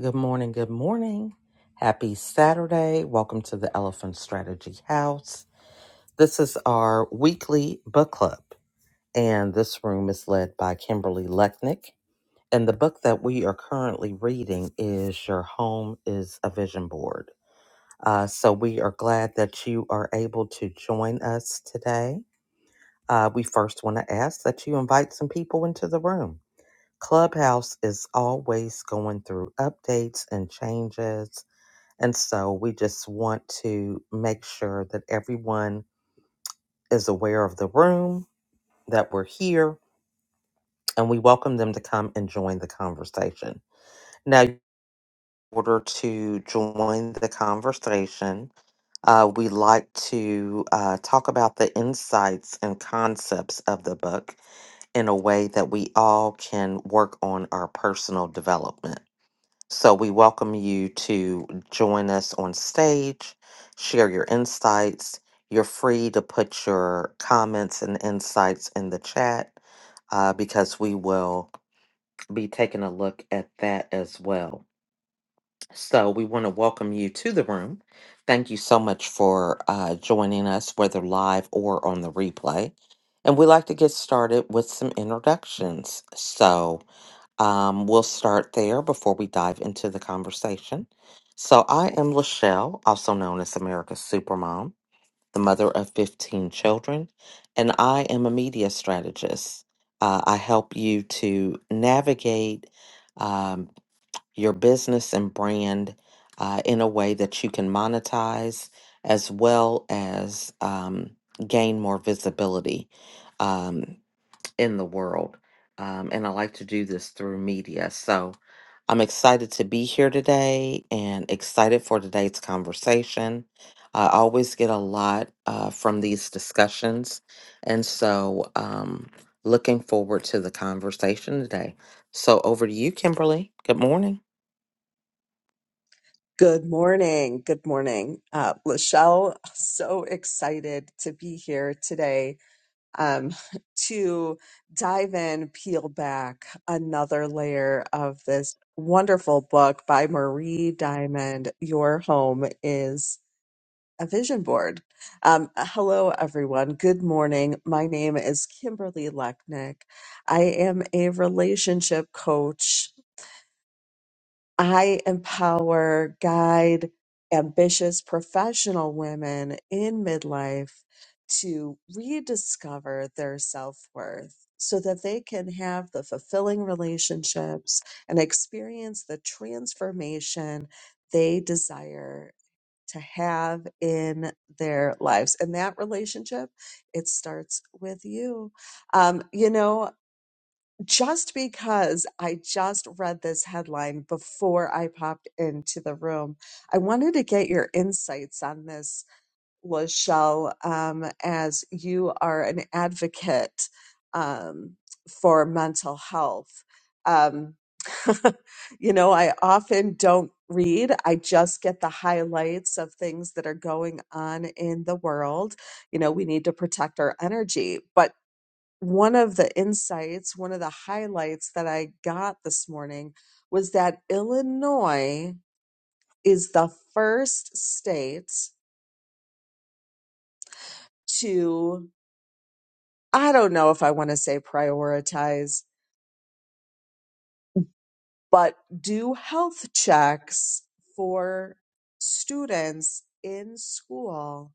Good morning. Good morning. Happy Saturday. Welcome to the Elephant Strategy House. This is our weekly book club, and this room is led by Kimberly Lechnick. And the book that we are currently reading is Your Home is a Vision Board. Uh, so we are glad that you are able to join us today. Uh, we first want to ask that you invite some people into the room. Clubhouse is always going through updates and changes and so we just want to make sure that everyone is aware of the room, that we're here, and we welcome them to come and join the conversation. Now, in order to join the conversation, uh, we like to uh, talk about the insights and concepts of the book in a way that we all can work on our personal development. So we welcome you to join us on stage, share your insights. You're free to put your comments and insights in the chat uh, because we will be taking a look at that as well. So we want to welcome you to the room. Thank you so much for uh, joining us, whether live or on the replay. And we like to get started with some introductions. So, um, we'll start there before we dive into the conversation. So, I am Lachelle, also known as America's Supermom, the mother of 15 children, and I am a media strategist. Uh, I help you to navigate um, your business and brand uh, in a way that you can monetize as well as um, gain more visibility. Um, in the world. Um, and I like to do this through media. So I'm excited to be here today and excited for today's conversation. I always get a lot uh, from these discussions. And so um, looking forward to the conversation today. So over to you, Kimberly. Good morning. Good morning. Good morning. Uh, Lachelle, so excited to be here today um, to dive in, peel back another layer of this wonderful book by Marie Diamond Your Home is a Vision Board. Um, hello, everyone. Good morning. My name is Kimberly Lechnick. I am a relationship coach. I empower, guide ambitious professional women in midlife to rediscover their self worth so that they can have the fulfilling relationships and experience the transformation they desire to have in their lives. And that relationship, it starts with you. Um, you know, just because I just read this headline before I popped into the room, I wanted to get your insights on this, Lachelle, um, as you are an advocate um, for mental health. Um, you know, I often don't read, I just get the highlights of things that are going on in the world. You know, we need to protect our energy. But one of the insights, one of the highlights that I got this morning was that Illinois is the first state to, I don't know if I want to say prioritize, but do health checks for students in school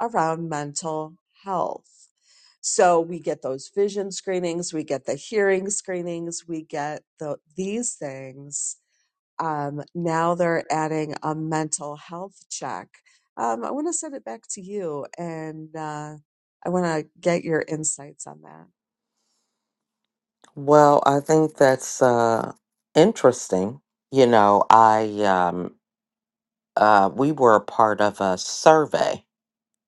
around mental health. So we get those vision screenings, we get the hearing screenings, we get the, these things Um, now they're adding a mental health check. Um, I want to send it back to you, and uh, I want to get your insights on that. Well, I think that's uh, interesting. You know, I um, uh, we were a part of a survey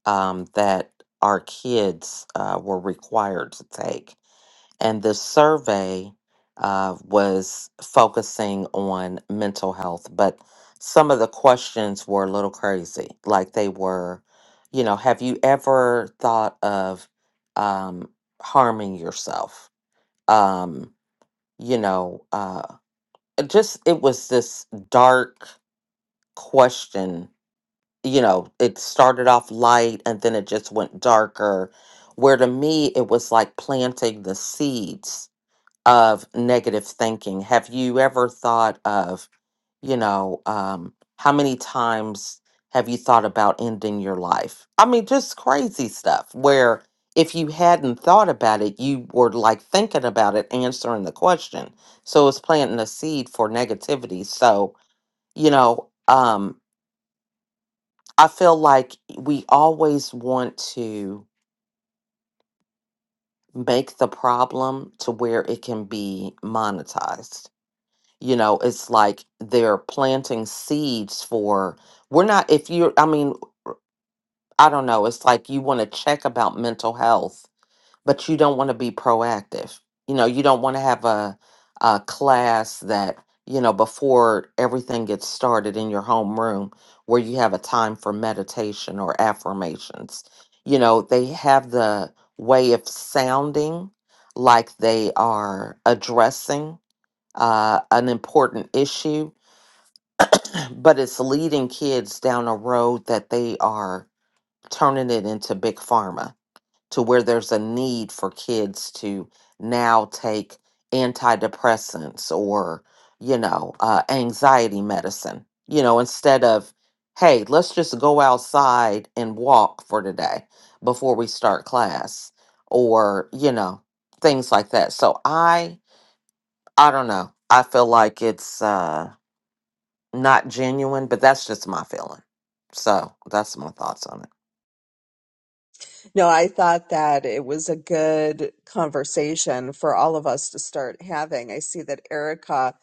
um, that our kids uh, were required to take. And the survey uh, was focusing on mental health, but some of the questions were a little crazy. Like they were, you know, have you ever thought of um, harming yourself? Um, you know, uh, it just it was this dark question you know, it started off light and then it just went darker. Where to me, it was like planting the seeds of negative thinking. Have you ever thought of, you know, um, how many times have you thought about ending your life? I mean, just crazy stuff where if you hadn't thought about it, you were like thinking about it, answering the question. So it's planting a seed for negativity. So, you know, um, I feel like we always want to make the problem to where it can be monetized. You know, it's like they're planting seeds for, we're not, if you're, I mean, I don't know, it's like you want to check about mental health but you don't want to be proactive. You know, you don't want to have a a class that, you know, before everything gets started in your homeroom where you have a time for meditation or affirmations. You know, they have the way of sounding like they are addressing uh, an important issue, but it's leading kids down a road that they are turning it into big pharma to where there's a need for kids to now take antidepressants or you know uh, anxiety medicine you know instead of hey let's just go outside and walk for today before we start class or you know things like that so i i don't know i feel like it's uh not genuine but that's just my feeling so that's my thoughts on it No, I thought that it was a good conversation for all of us to start having. I see that Erica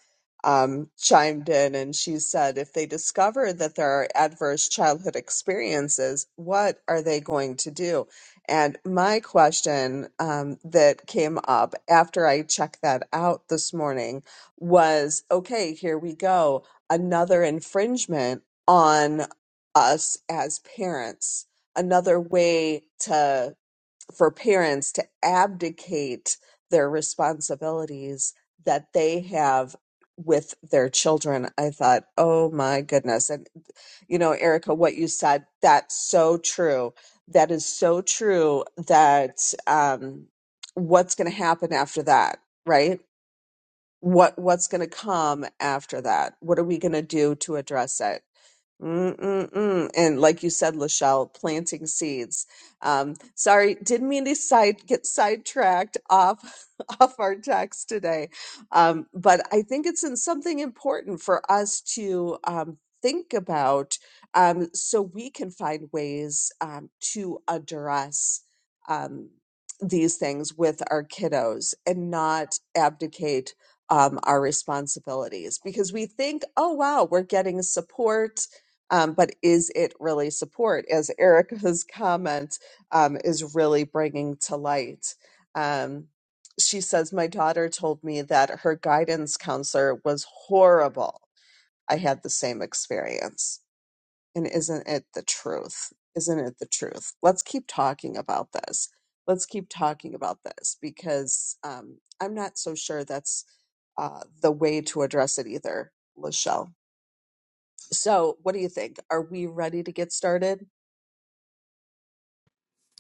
um, chimed in and she said, if they discover that there are adverse childhood experiences, what are they going to do? And my question um, that came up after I checked that out this morning was okay, here we go. Another infringement on us as parents another way to for parents to abdicate their responsibilities that they have with their children i thought oh my goodness and you know erica what you said that's so true that is so true that um what's going to happen after that right what what's going to come after that what are we going to do to address it Mm-mm-mm. And like you said, Lachelle, planting seeds. Um, sorry, didn't mean to side get sidetracked off off our text today. Um, but I think it's in something important for us to um, think about um, so we can find ways um, to address um, these things with our kiddos and not abdicate um, our responsibilities because we think, oh wow, we're getting support um, but is it really support as erica's comment um, is really bringing to light um, she says my daughter told me that her guidance counselor was horrible i had the same experience and isn't it the truth isn't it the truth let's keep talking about this let's keep talking about this because um, i'm not so sure that's uh, the way to address it either lachelle so, what do you think? Are we ready to get started?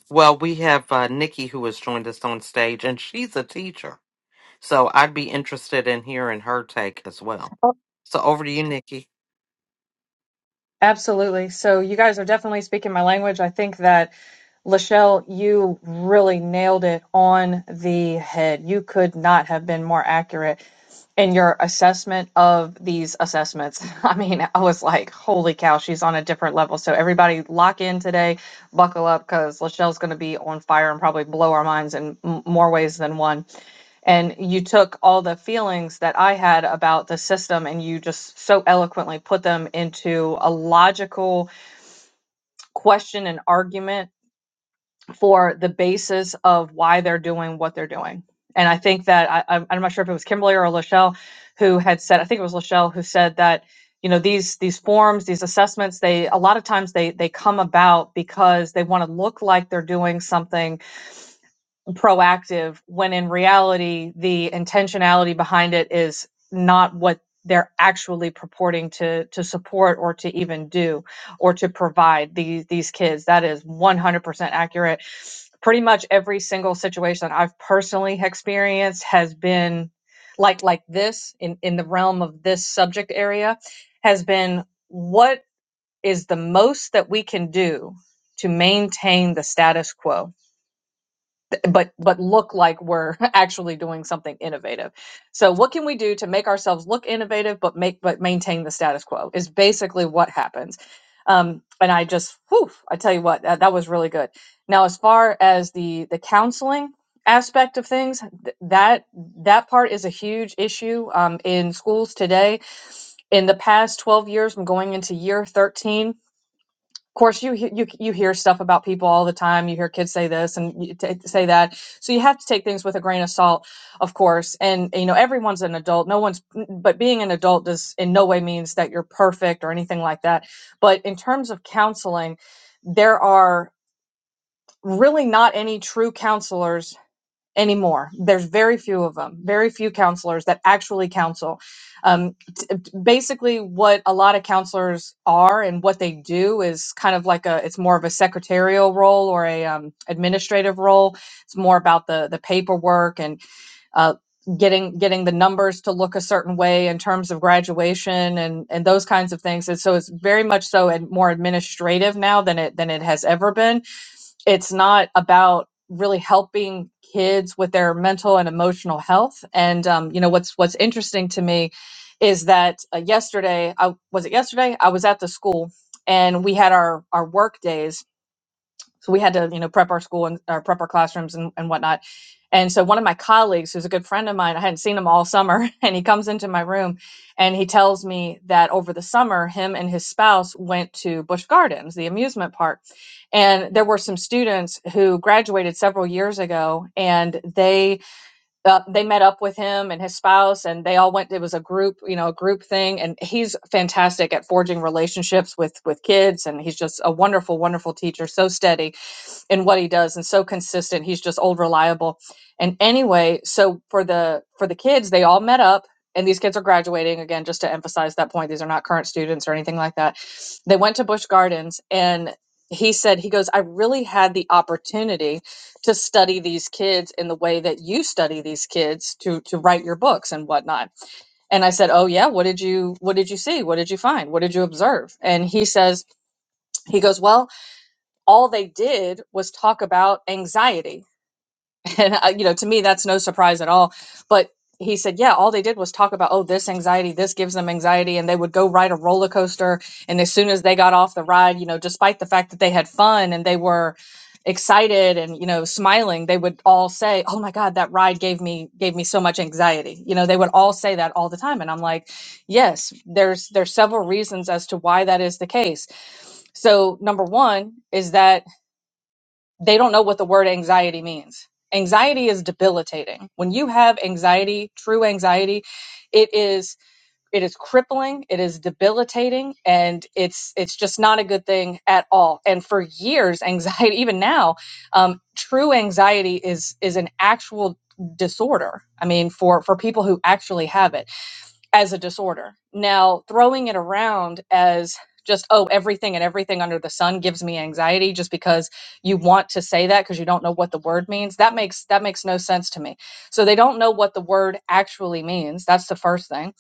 Well, we have uh, Nikki who has joined us on stage, and she's a teacher. So I'd be interested in hearing her take as well. Oh. So over to you, Nikki. Absolutely. So you guys are definitely speaking my language. I think that Lachelle, you really nailed it on the head. You could not have been more accurate in your assessment of these assessments. I mean, I was like, holy cow, she's on a different level. So everybody lock in today, buckle up because Lachelle's going to be on fire and probably blow our minds in m- more ways than one. And you took all the feelings that I had about the system and you just so eloquently put them into a logical question and argument for the basis of why they're doing what they're doing. And I think that I, I'm not sure if it was Kimberly or Lachelle who had said, I think it was Lachelle who said that, you know, these these forms, these assessments, they a lot of times they they come about because they want to look like they're doing something proactive when in reality the intentionality behind it is not what they're actually purporting to to support or to even do or to provide these these kids that is 100% accurate pretty much every single situation i've personally experienced has been like like this in in the realm of this subject area has been what is the most that we can do to maintain the status quo but but look like we're actually doing something innovative. So what can we do to make ourselves look innovative but make but maintain the status quo is basically what happens. Um, and I just whew, I tell you what that, that was really good. Now as far as the the counseling aspect of things th- that that part is a huge issue um, in schools today in the past 12 years i'm going into year 13 course you you you hear stuff about people all the time you hear kids say this and you t- say that so you have to take things with a grain of salt of course and you know everyone's an adult no one's but being an adult does in no way means that you're perfect or anything like that but in terms of counseling there are really not any true counselors anymore. There's very few of them, very few counselors that actually counsel. Um, t- basically, what a lot of counselors are and what they do is kind of like a, it's more of a secretarial role or a um, administrative role. It's more about the the paperwork and uh, getting getting the numbers to look a certain way in terms of graduation and and those kinds of things. And so it's very much so and more administrative now than it than it has ever been it's not about really helping kids with their mental and emotional health. And um, you know what's what's interesting to me is that uh, yesterday, I, was it yesterday? I was at the school and we had our our work days so we had to you know prep our school and or prep our classrooms and, and whatnot and so one of my colleagues who's a good friend of mine i hadn't seen him all summer and he comes into my room and he tells me that over the summer him and his spouse went to busch gardens the amusement park and there were some students who graduated several years ago and they uh, they met up with him and his spouse and they all went it was a group you know a group thing and he's fantastic at forging relationships with with kids and he's just a wonderful wonderful teacher so steady in what he does and so consistent. He's just old reliable. And anyway, so for the for the kids, they all met up and these kids are graduating again just to emphasize that point. These are not current students or anything like that. They went to Busch Gardens and he said he goes, "I really had the opportunity to study these kids in the way that you study these kids to to write your books and whatnot." And I said, "Oh yeah, what did you what did you see? What did you find? What did you observe?" And he says he goes, "Well, all they did was talk about anxiety. And, uh, you know, to me, that's no surprise at all. But he said, yeah, all they did was talk about, oh, this anxiety, this gives them anxiety. And they would go ride a roller coaster. And as soon as they got off the ride, you know, despite the fact that they had fun and they were excited and you know smiling they would all say oh my god that ride gave me gave me so much anxiety you know they would all say that all the time and i'm like yes there's there's several reasons as to why that is the case so number 1 is that they don't know what the word anxiety means. Anxiety is debilitating. When you have anxiety, true anxiety, it is it is crippling, it is debilitating and it's it's just not a good thing at all. And for years anxiety even now um true anxiety is is an actual disorder. I mean for for people who actually have it as a disorder. Now, throwing it around as just, oh, everything and everything under the sun gives me anxiety just because you want to say that because you don't know what the word means. That makes that makes no sense to me. So they don't know what the word actually means. That's the first thing.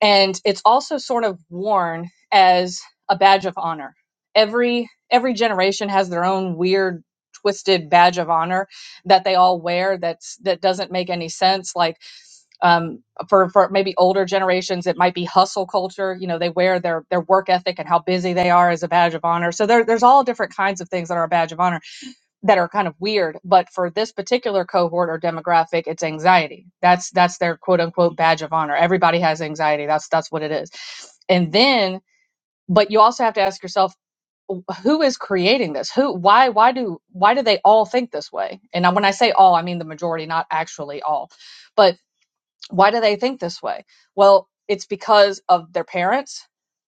And it's also sort of worn as a badge of honor. Every every generation has their own weird twisted badge of honor that they all wear that's that doesn't make any sense like um, for for maybe older generations it might be hustle culture you know they wear their their work ethic and how busy they are as a badge of honor so there, there's all different kinds of things that are a badge of honor that are kind of weird but for this particular cohort or demographic it's anxiety that's that's their quote unquote badge of honor everybody has anxiety that's that's what it is and then but you also have to ask yourself who is creating this who why why do why do they all think this way and when i say all i mean the majority not actually all But why do they think this way? Well, it's because of their parents.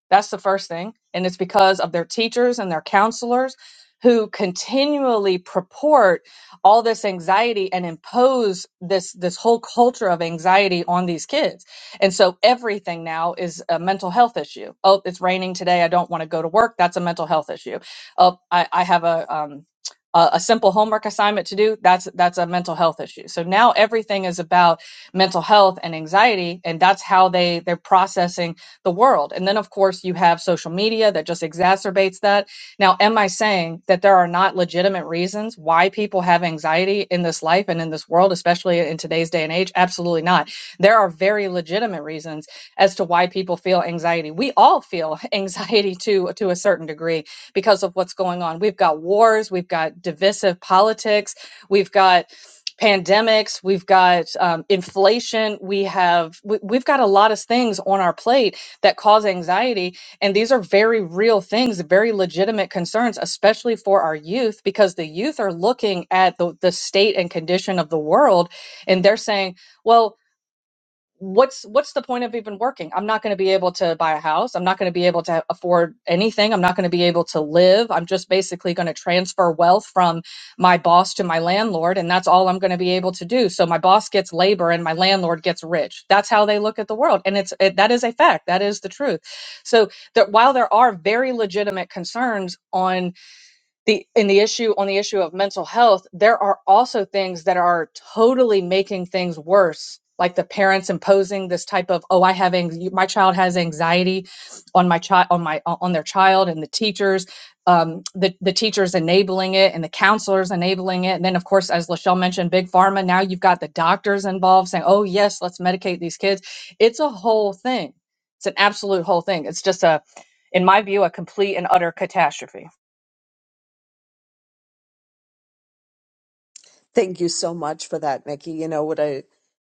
That's the first thing. And it's because of their teachers and their counselors who continually purport all this anxiety and impose this this whole culture of anxiety on these kids. And so everything now is a mental health issue. Oh, it's raining today. I don't want to go to work. That's a mental health issue. Oh, I, I have a um a a simple homework assignment to do that's that's a mental health issue so now everything is about mental health and anxiety and that's how they they're processing the world. And then, of course, you have social media that just exacerbates that. Now, am I saying that there are not legitimate reasons why people have anxiety in this life and in this world, especially in today's day and age? Absolutely not. There are very legitimate reasons as to why people feel anxiety. We all feel anxiety to to a certain degree because of what's going on. We've got wars, we've got divisive politics, we've got pandemics, we've got um, inflation, we have we, we've got a lot of things on our plate that cause anxiety. And these are very real things, very legitimate concerns, especially for our youth, because the youth are looking at the, the state and condition of the world and they're saying, well, what's what's the point of even working i'm not going to be able to buy a house i'm not going to be able to afford anything i'm not going to be able to live i'm just basically going to transfer wealth from my boss to my landlord and that's all i'm going to be able to do so my boss gets labor and my landlord gets rich that's how they look at the world and it's it, that is a fact that is the truth so that while there are very legitimate concerns on the in the issue on the issue of mental health there are also things that are totally making things worse like the parents imposing this type of oh i have anx- my child has anxiety on my child on my on their child and the teachers um, the, the teachers enabling it and the counselors enabling it and then of course as lachelle mentioned big pharma now you've got the doctors involved saying oh yes let's medicate these kids it's a whole thing it's an absolute whole thing it's just a in my view a complete and utter catastrophe Thank you so much for that, Nikki. You know, what I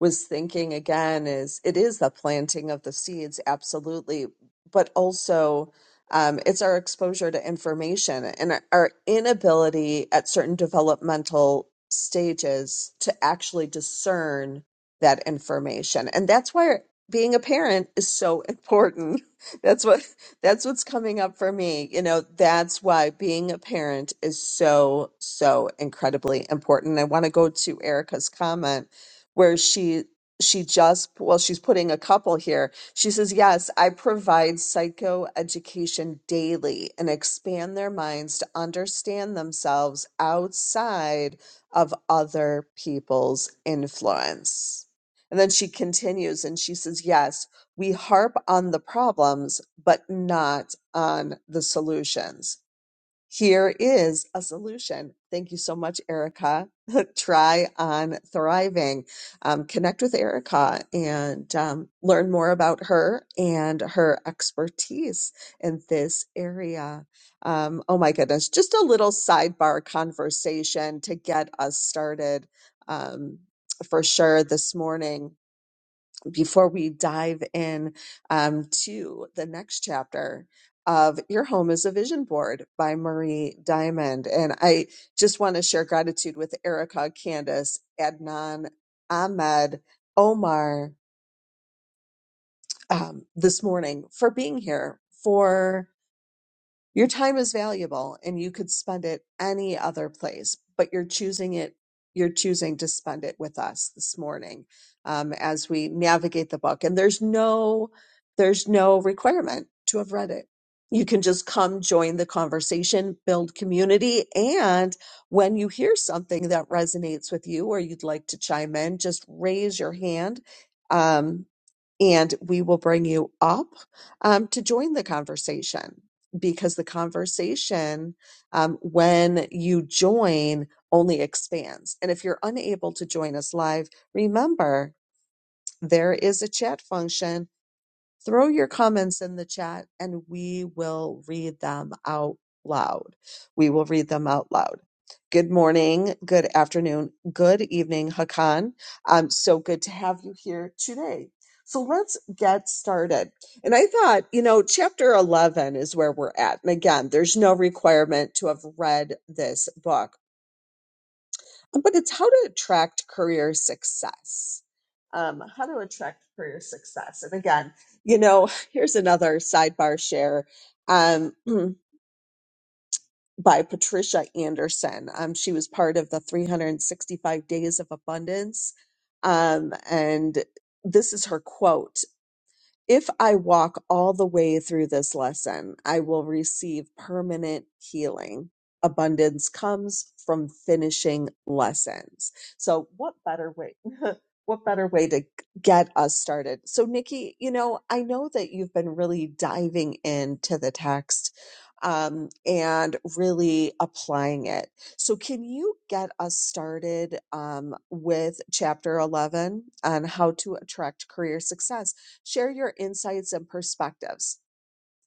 was thinking again is it is the planting of the seeds, absolutely, but also um, it's our exposure to information and our our inability at certain developmental stages to actually discern that information. And that's why being a parent is so important. That's what That's what's coming up for me. You know, that's why being a parent is so, so incredibly important. I want to go to Erica's comment where she she just well she's putting a couple here she says yes i provide psychoeducation daily and expand their minds to understand themselves outside of other people's influence and then she continues and she says yes we harp on the problems, but not on the solutions. Here is a solution. Thank you so much, Erica. Try on thriving. Um, connect with Erica and um, learn more about her and her expertise in this area. Um, oh my goodness, just a little sidebar conversation to get us started um, for sure this morning before we dive in um, to the next chapter of Your Home is a Vision Board by Marie Diamond. And I just want to share gratitude with Erica, Candace, Adnan, Ahmed, Omar um, this morning for being here, for your time is valuable and you could spend it any other place, but you're choosing it, you're choosing to spend it with us this morning um, as we navigate the book. And there's no, there's no requirement to have read it. You can just come join the conversation, build community. And when you hear something that resonates with you or you'd like to chime in, just raise your hand. Um, and we will bring you up um, to join the conversation because the conversation, um, when you join, only expands. And if you're unable to join us live, remember there is a chat function throw your comments in the chat and we will read them out loud. We will read them out loud. Good morning, good afternoon, good evening, Hakan. Um, so good to have you here today. So let's get started. And I thought, you know, chapter 11 is where we're at. And again, there's no requirement to have read this book but it's how to attract career success. Um, how to attract career success. And again, you know, here's another sidebar share um, by Patricia Anderson. Um, she was part of the 365 Days of Abundance. Um, and this is her quote if I walk all the way through this lesson, I will receive permanent healing. Abundance comes from finishing lessons. So, what better way? What better way to get us started? So, Nikki, you know, I know that you've been really diving into the text um, and really applying it. So, can you get us started um, with chapter 11 on how to attract career success? Share your insights and perspectives.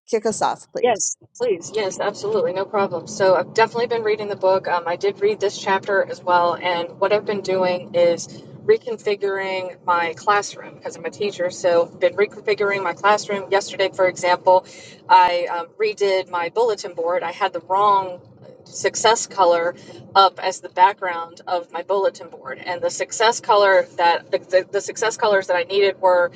Kick us off, please. Yes, please. Yes, absolutely. No problem. So I've definitely been reading the book. Um, I did read this chapter as well. And what I've been doing is reconfiguring my classroom because I'm a teacher. So I've been reconfiguring my classroom. Yesterday, for example, I um, redid my bulletin board. I had the wrong success color up as the background of my bulletin board and the success color that the, the, the success colors that i needed were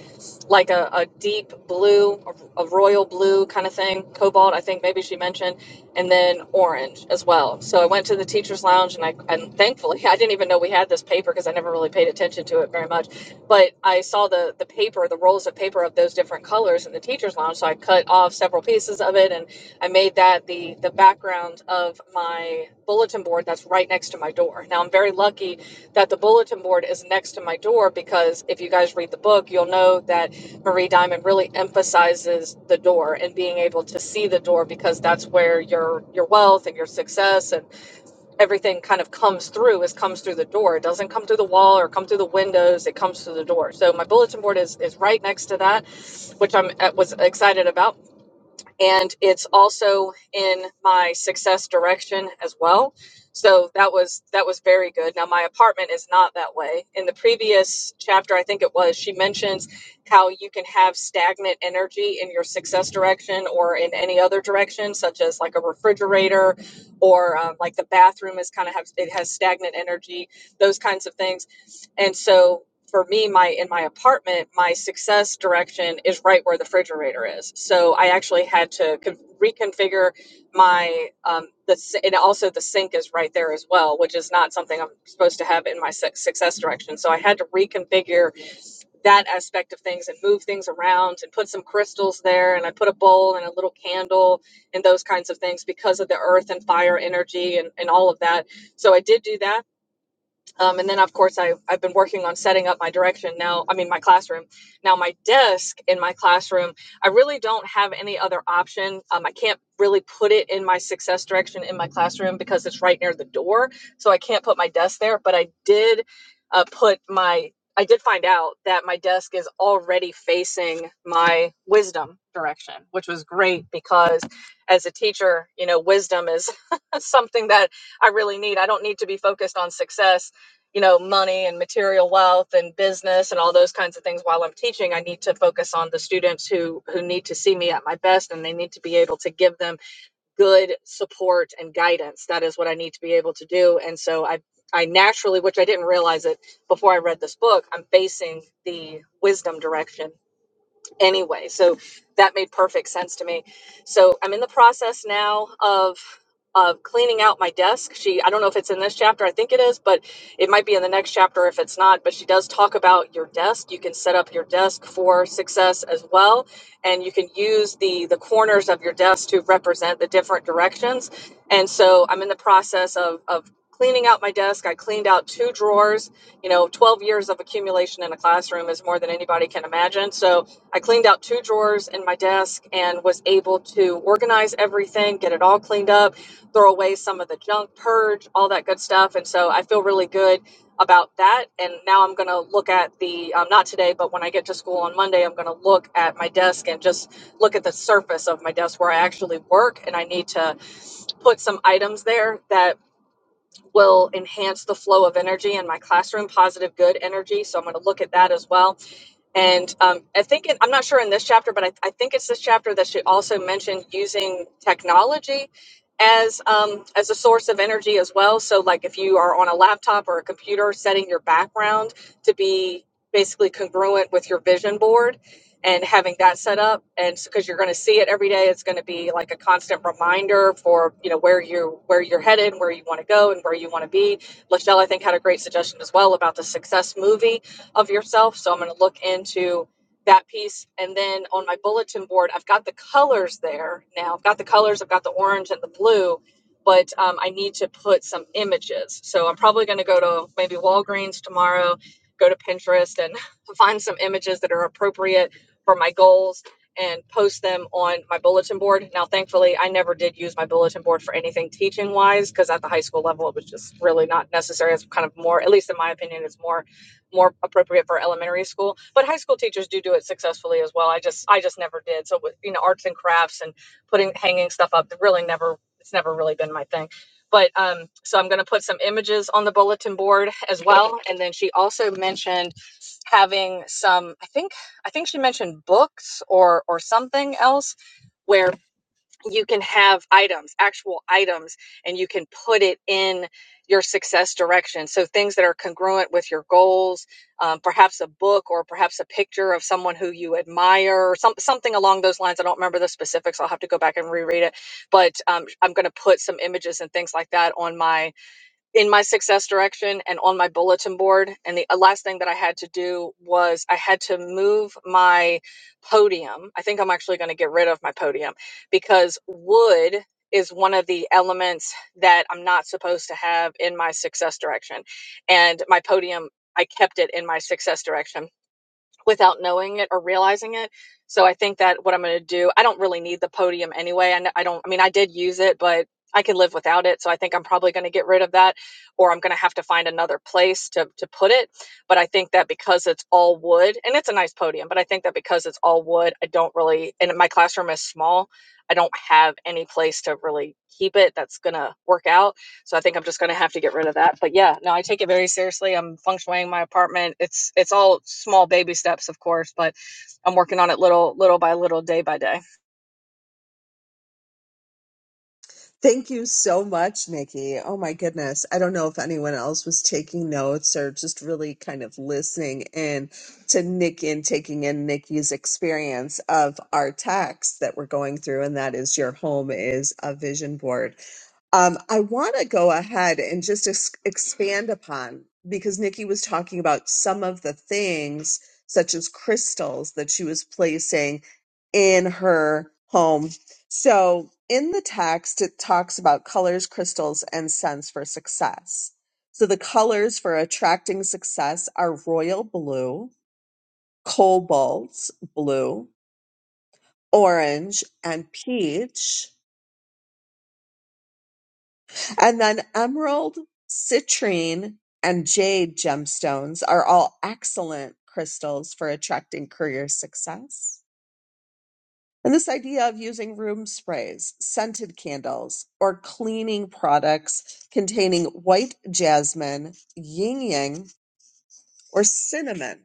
like a, a deep blue, a, royal blue kind of thing, cobalt, I think maybe she mentioned, and then orange as well. So I went to the teacher's lounge and I, and thankfully, I didn't even know we had this paper because I never really paid attention to it very much. But I saw the, the paper, the rolls of paper of those different colors in the teacher's lounge. So I cut off several pieces of it and. I made that the the background of my bulletin board that's right next to my door. Now I'm very lucky that the bulletin board is next to my door because if you guys read the book, you'll know that Marie Diamond really emphasizes the door and being able to see the door because that's where your your wealth and your success and everything kind of comes through is comes through the door. It doesn't come through the wall or come through the windows, it comes through the door. So my bulletin board is is right next to that, which I'm uh, was excited about and it's also in my success direction as well so that was that was very good now my apartment is not that way in the previous chapter i think it was she mentions how you can have stagnant energy in your success direction or in any other direction such as like a refrigerator or um, like the bathroom is kind of have it has stagnant energy those kinds of things and so for me, my in my apartment, my success direction is right where the refrigerator is. So I actually had to con- reconfigure my um, the si- and also the sink is right there as well, which is not something I'm supposed to have in my su- success direction. So I had to reconfigure that aspect of things and move things around and put some crystals there, and I put a bowl and a little candle and those kinds of things because of the earth and fire energy and, and all of that. So I did do that um, and then, of course, I, I've been working on setting up my direction now, I mean, my classroom. Now, my desk in my classroom, I really don't have any other option. Um, I can't really put it in my success direction in my classroom because it's right near the door. So I can't put my desk there. But I did uh, put my, I did find out that my desk is already facing my wisdom direction, which was great because as a teacher, you know, wisdom is something that I really need. I don't need to be focused on success you know money and material wealth and business and all those kinds of things while i'm teaching i need to focus on the students who who need to see me at my best and they need to be able to give them good support and guidance that is what i need to be able to do and so i i naturally which i didn't realize it before i read this book i'm facing the wisdom direction anyway. So that made perfect sense to me. So I'm in the process now of of cleaning out my desk. She I don't know if it's in this chapter. I think it is, but it might be in the next chapter if it's not, but she does talk about your desk. You can set up your desk for success as well, and you can use the the corners of your desk to represent the different directions. And so I'm in the process of of cleaning out my desk. I cleaned out two drawers. You know, 12 years of accumulation in a classroom is more than anybody can imagine. So I cleaned out two drawers in my desk and was able to organize everything, get it all cleaned up, throw away some of the junk, purge, all that good stuff. And so I feel really good about that. And now I'm going to look at the, um, not today, but when I get to school on Monday, I'm going to look at my desk and just look at the surface of my desk where I actually work. And I need to put some items there that will enhance the flow of energy in my classroom, positive, good energy. So I'm going to look at that as well and um, I think it, I'm not sure in this chapter, but I, I think it's this chapter that she also mentioned using technology as um, as a source of energy as well. So like if you are on a laptop or a computer, setting your background to be basically congruent with your vision board and having that set up and because you're going to see it every day it's going to be like a constant reminder for you know where you where you're headed where you want to go and where you want to be lachelle i think had a great suggestion as well about the success movie of yourself. So I'm going to look into that piece. And then on my bulletin board, I've got the colors there now. I've got the colors, I've got the orange and the blue, but um, I need to put some images. So I'm probably going to go to maybe Walgreens tomorrow, go to Pinterest and find some images that are appropriate for my goals and post them on my bulletin board. Now, thankfully, I never did use my bulletin board for anything teaching wise because at the high school level, it was just really not necessary. It's kind of more, at least in my opinion, it's more more appropriate for elementary school but high school teachers do do it successfully as well i just i just never did so with you know arts and crafts and putting hanging stuff up really never it's never really been my thing but um so i'm going to put some images on the bulletin board as well and then she also mentioned having some i think i think she mentioned books or or something else where you can have items, actual items, and you can put it in your success direction. So things that are congruent with your goals, um, perhaps a book or perhaps a picture of someone who you admire or some, something along those lines. I don't remember the specifics. I'll have to go back and reread it, but um, I'm going to put some images and things like that on my in my success direction and on my bulletin board. And the uh, last thing that I had to do was I had to move my podium. I think I'm actually going to get rid of my podium because wood is one of the elements that I'm not supposed to have in my success direction. And my podium, I kept it in my success direction without knowing it or realizing it. So I think that what I'm going to do, I don't really need the podium anyway. And I don't, I mean, I did use it, but I could live without it. So I think I'm probably going to get rid of that or I'm going to have to find another place to, to put it. But I think that because it's all wood and it's a nice podium, but I think that because it's all wood, I don't really, and my classroom is small, I don't have any place to really keep it that's going to work out. So I think I'm just going to have to get rid of that. But yeah, no, I take it very seriously. I'm feng shuiing my apartment. It's it's all small baby steps, of course, but I'm working on it little little by little, day by day. Thank you so much, Nikki. Oh my goodness. I don't know if anyone else was taking notes or just really kind of listening in to Nikki and taking in Nikki's experience of our text that we're going through, and that is your home is a vision board. Um, I want to go ahead and just ex- expand upon because Nikki was talking about some of the things, such as crystals, that she was placing in her home so in the text, it talks about colors, crystals, and scents for success. So the colors for attracting success are royal blue, cobalt blue, orange, and peach. And then emerald, citrine, and jade gemstones are all excellent crystals for attracting career success. And this idea of using room sprays, scented candles, or cleaning products containing white jasmine, yin yang, or cinnamon.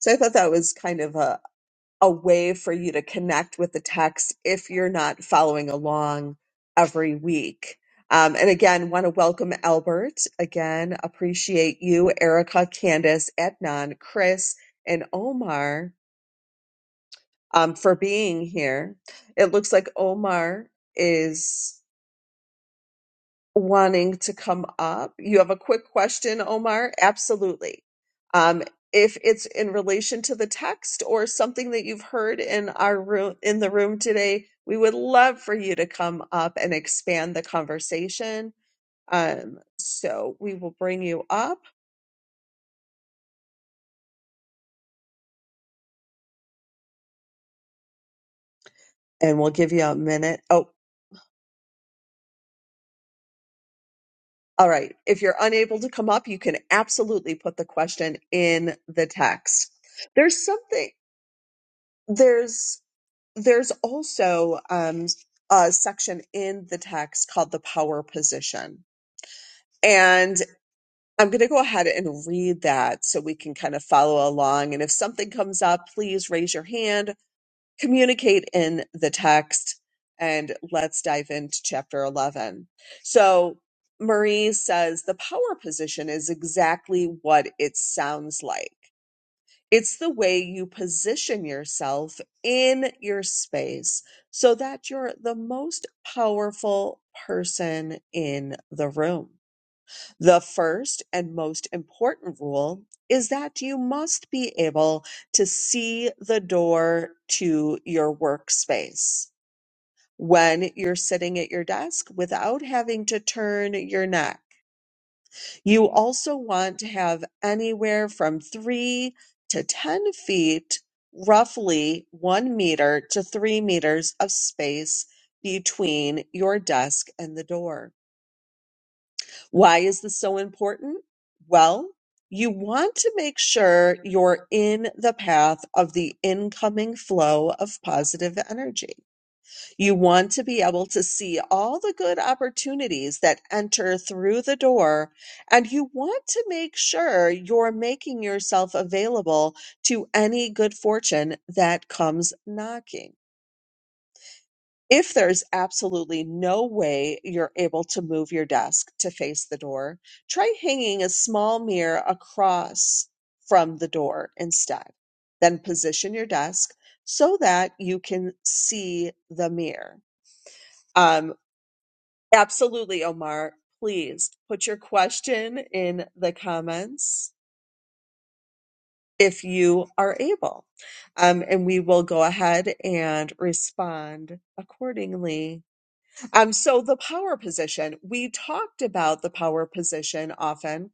So I thought that was kind of a, a way for you to connect with the text if you're not following along every week. Um, and again, want to welcome Albert. Again, appreciate you, Erica, Candace, Etnan, Chris, and Omar. um, for being here. It looks like Omar is wanting to come up. You have a quick question, Omar? Absolutely. Um, if it's in relation to the text or something that you've heard in our room in the room today, we would love for you to come up and expand the conversation. Um, so we will bring you up and we'll give you a minute. Oh. All right. If you're unable to come up, you can absolutely put the question in the text. There's something there's there's also um, a section in the text called the power position. And I'm going to go ahead and read that so we can kind of follow along. And if something comes up, please raise your hand communicate in the text. And let's dive into chapter 11. So, Marie says the power position is exactly what it sounds like. It's the way you position yourself in your space so that you're the most powerful person in the room. The first and most important rule is that you must be able to see the door to your workspace when you're sitting at your desk without having to turn your neck. You also want to have anywhere from three to 10 feet, roughly one meter to three meters of space between your desk and the door. Why is this so important? Well, you want to make sure you're in the path of the incoming flow of positive energy. You want to be able to see all the good opportunities that enter through the door, and you want to make sure you're making yourself available to any good fortune that comes knocking. If there's absolutely no way you're able to move your desk to face the door, try hanging a small mirror across from the door instead. Then position your desk so that you can see the mirror. Um, absolutely, Omar. Please put your question in the comments if you are able. Um, and we will go ahead and respond accordingly. Um, so the power position, we talked about the power position often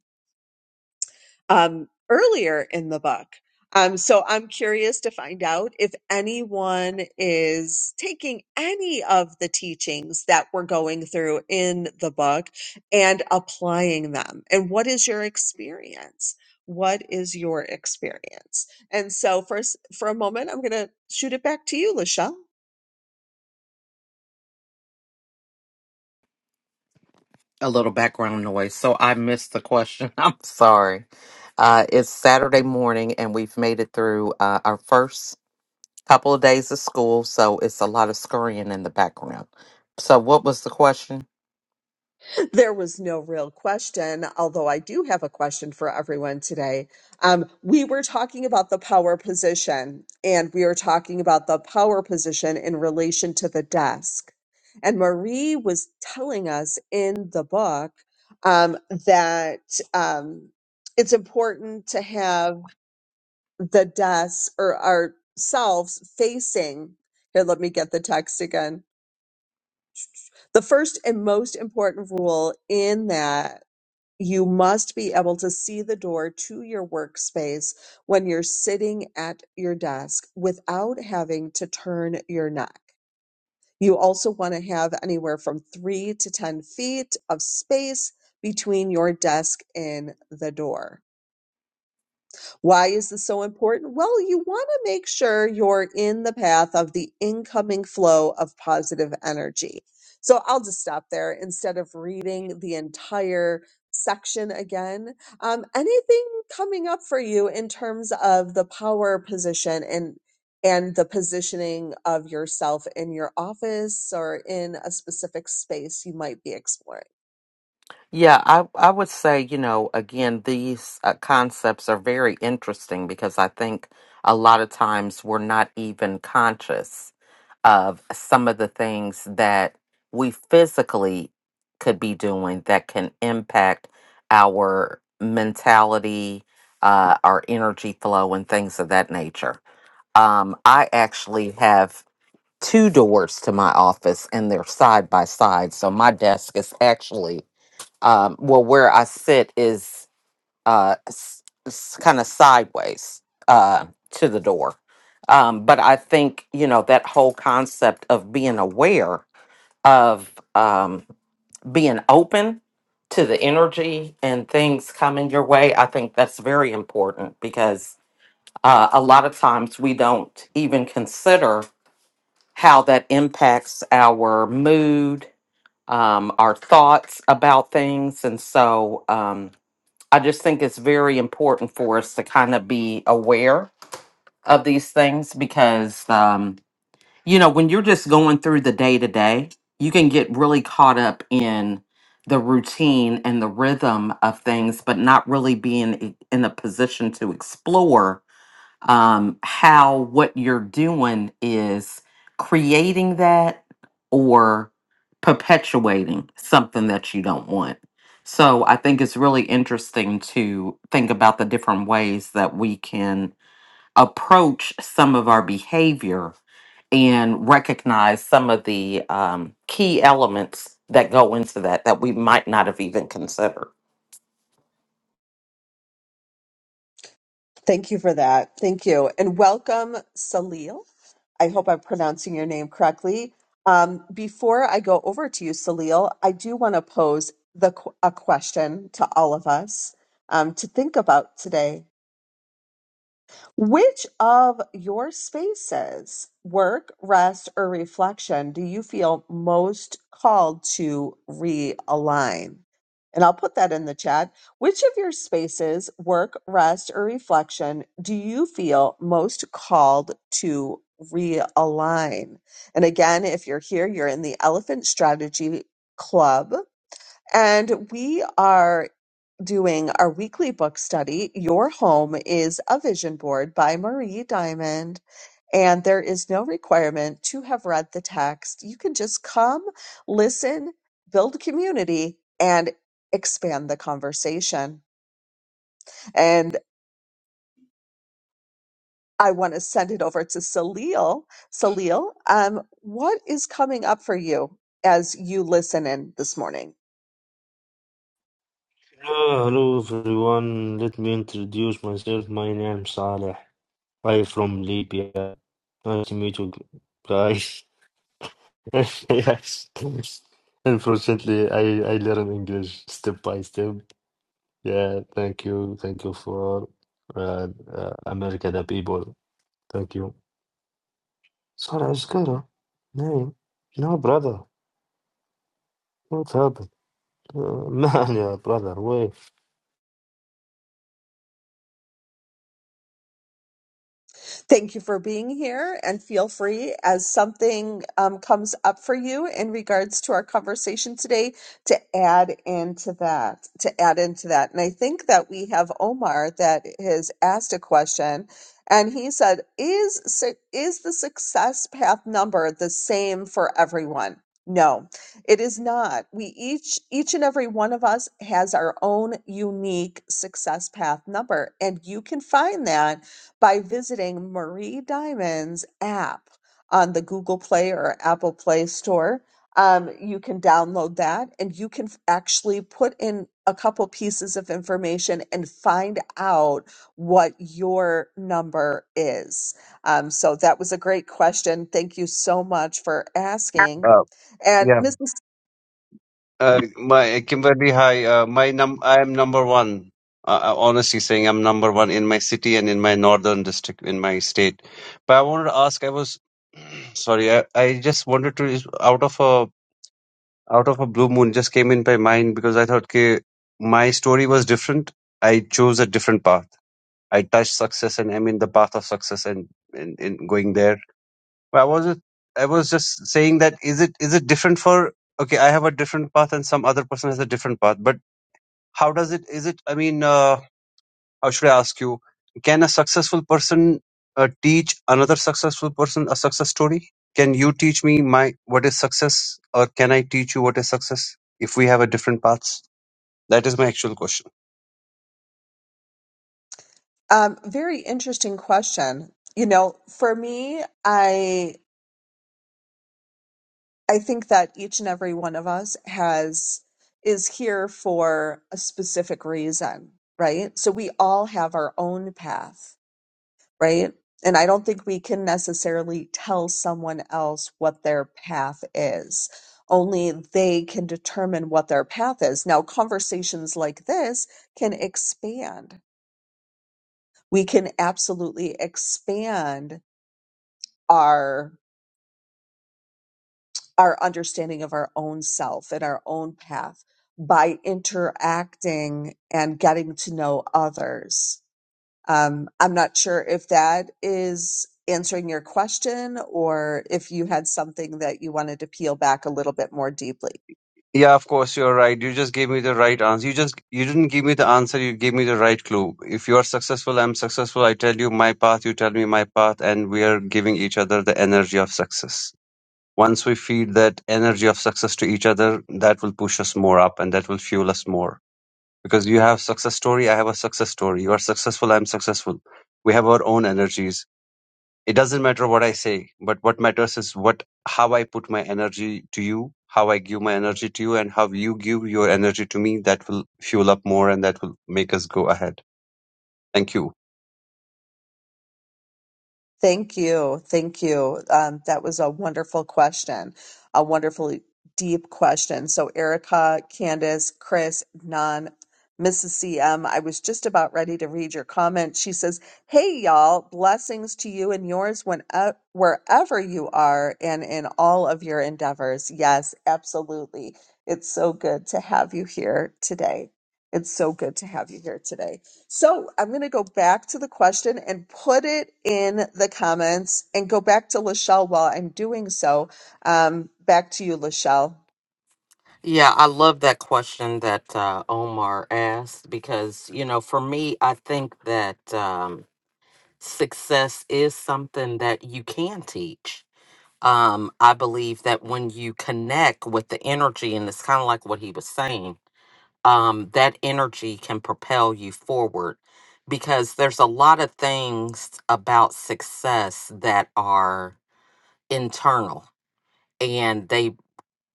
um, earlier in the book. Um, so I'm curious to find out if anyone is taking any of the teachings that we're going through in the book and applying them. And what is your experience? What is your experience? And so, first, for a moment, I'm going to shoot it back to you, Lachelle. A little background noise. So I missed the question. I'm sorry. Uh, it's Saturday morning, and we've made it through uh, our first couple of days of school. So it's a lot of scurrying in the background. So, what was the question? There was no real question, although I do have a question for everyone today. Um, we were talking about the power position, and we were talking about the power position in relation to the desk. And Marie was telling us in the book um, that um, it's important to have the desk or ourselves facing. Here, let me get the text again. The first and most important rule in that you must be able to see the door to your workspace when you're sitting at your desk without having to turn your neck. You also want to have anywhere from three to 10 feet of space between your desk and the door. Why is this so important? Well, you want to make sure you're in the path of the incoming flow of positive energy. So I'll just stop there instead of reading the entire section again. Um, anything coming up for you in terms of the power position and and the positioning of yourself in your office or in a specific space you might be exploring? Yeah, I I would say, you know, again, these uh, concepts are very interesting because I think a lot of times we're not even conscious of some of the things that we physically could be doing that can impact our mentality, uh, our energy flow, and things of that nature. Um, I actually have two doors to my office and they're side by side. So my desk is actually um, well, where I sit is uh, s- s- kind of sideways uh, to the door. Um, but I think, you know, that whole concept of being aware of um, being open to the energy and things coming your way, I think that's very important because uh, a lot of times we don't even consider how that impacts our mood, um, our thoughts about things. And so, um, I just think it's very important for us to kind of be aware of these things because, um, you know, when you're just going through the day to day, you can get really caught up in the routine and the rhythm of things, but not really being i- in a position to explore um, how what you're doing is creating that or perpetuating something that you don't want. So I think it's really interesting to think about the different ways that we can approach some of our behavior and recognize some of the um, key elements that go into that that we might not have even considered. Thank you for that. Thank you, and welcome, Salil. I hope I'm pronouncing your name correctly. Um, before I go over to you, Salil, I do want to pose the qu- a question to all of us um, to think about today. Which of your spaces, work, rest, or reflection, do you feel most called to realign? And I'll put that in the chat. Which of your spaces, work, rest, or reflection, do you feel most called to realign? And again, if you're here, you're in the Elephant Strategy Club, and we are doing our weekly book study. Your Home is a Vision Board by Marie Diamond. And there is no requirement to have read the text. You can just come, listen, build community, and expand the conversation. And I want to send it over to Salil. Salil, um, what is coming up for you as you listen in this morning? Hello, hello everyone. Let me introduce myself. My name is Saleh. I'm from Libya. Nice to meet you guys. yes. Unfortunately, I, I learn English step by step. Yeah, thank you. Thank you for uh, uh, America, the people. Thank you. Saleh Iskara. No, no, brother. What happened? Uh, man, yeah, brother. Wait. Thank you for being here and feel free as something um, comes up for you in regards to our conversation today to add into that, to add into that. And I think that we have Omar that has asked a question and he said, is, su- is the success path number the same for everyone? No, it is not. We each, each and every one of us has our own unique success path number and you can find that by visiting Marie Diamond's app on the Google Play or Apple Play Store. Um, you can download that and you can f- actually put in a couple pieces of information and find out what your number is. Um, so that was a great question. Thank you so much for asking. Uh, And yeah. Mrs. Uh, my Kimberly, hi. Uh, my num, I am number one. Uh, uh, honestly saying, I'm number one in my city and in my northern district in my state. But I wanted to ask. I was sorry. I, I just wanted to out of a out of a blue moon just came in my mind because I thought okay, my story was different. I chose a different path. I touched success and I'm in the path of success and in, in going there. Well, I was just- I was just saying that is it is it different for okay, I have a different path and some other person has a different path, but how does it is it I mean uh, how should I ask you? Can a successful person uh, teach another successful person a success story? Can you teach me my what is success, or can I teach you what is success if we have a different paths? That is my actual question. Um, very interesting question. You know, for me, I. I think that each and every one of us has is here for a specific reason, right? So we all have our own path, right? And I don't think we can necessarily tell someone else what their path is. Only they can determine what their path is. Now, conversations like this can expand. We can absolutely expand our. our understanding of our own self and our own path by interacting and getting to know others. Um, I'm not sure if that is answering your question or if you had something that you wanted to peel back a little bit more deeply. Yeah, of course, you're right. You just gave me the right answer. You just you didn't give me the answer, you gave me the right clue. If you are successful, I'm successful. I tell you my path, you tell me my path, and we are giving each other the energy of success. Once we feed that energy of success to each other, that will push us more up and that will fuel us more. Because you have success story, I have a success story. You are successful, I'm successful. We have our own energies it doesn't matter what I say, but what matters is what how I put my energy to you, how I give my energy to you, and how you give your energy to me. That will fuel up more, and that will make us go ahead. Thank you. Thank you. Thank you. Um, that was a wonderful question, a wonderfully deep question. So, Erica, Candace, Chris, Non, Mrs. M. I was just about ready to read your comment. She says, Hey, y'all, blessings to you and yours when, uh, wherever you are and in all of your endeavors. Yes, absolutely. It's so good to have you here today. It's so good to have you here today. So I'm going to go back to the question and put it in the comments and go back to Lachelle while I'm doing so. Um, back to you, Lachelle. Yeah, I love that question that uh, Omar asked because, you know, for me, I think that um, success is something that you can teach. Um, I believe that when you connect with the energy, and it's kind of like what he was saying, um, that energy can propel you forward because there's a lot of things about success that are internal and they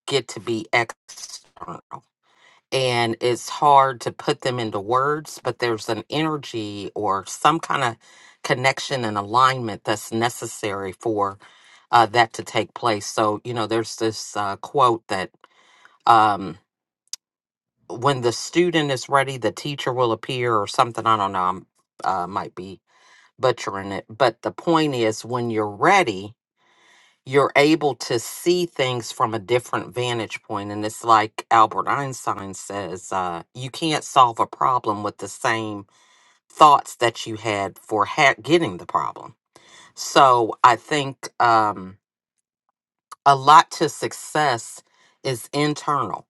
get to be external. and it's hard to put them into words, but there's an energy or some kind of connection and alignment that's necessary for uh, that to take place. So, you know, there's this uh, quote that um, when the student is ready, the teacher will appear or something. I don't know, I am uh, might be butchering it, but the point is when you're ready, you're able to see things from a different vantage point and it's like albert einstein says uh, you can't solve a problem with the same thoughts that you had for ha- getting the problem so i think um, a lot to success is internal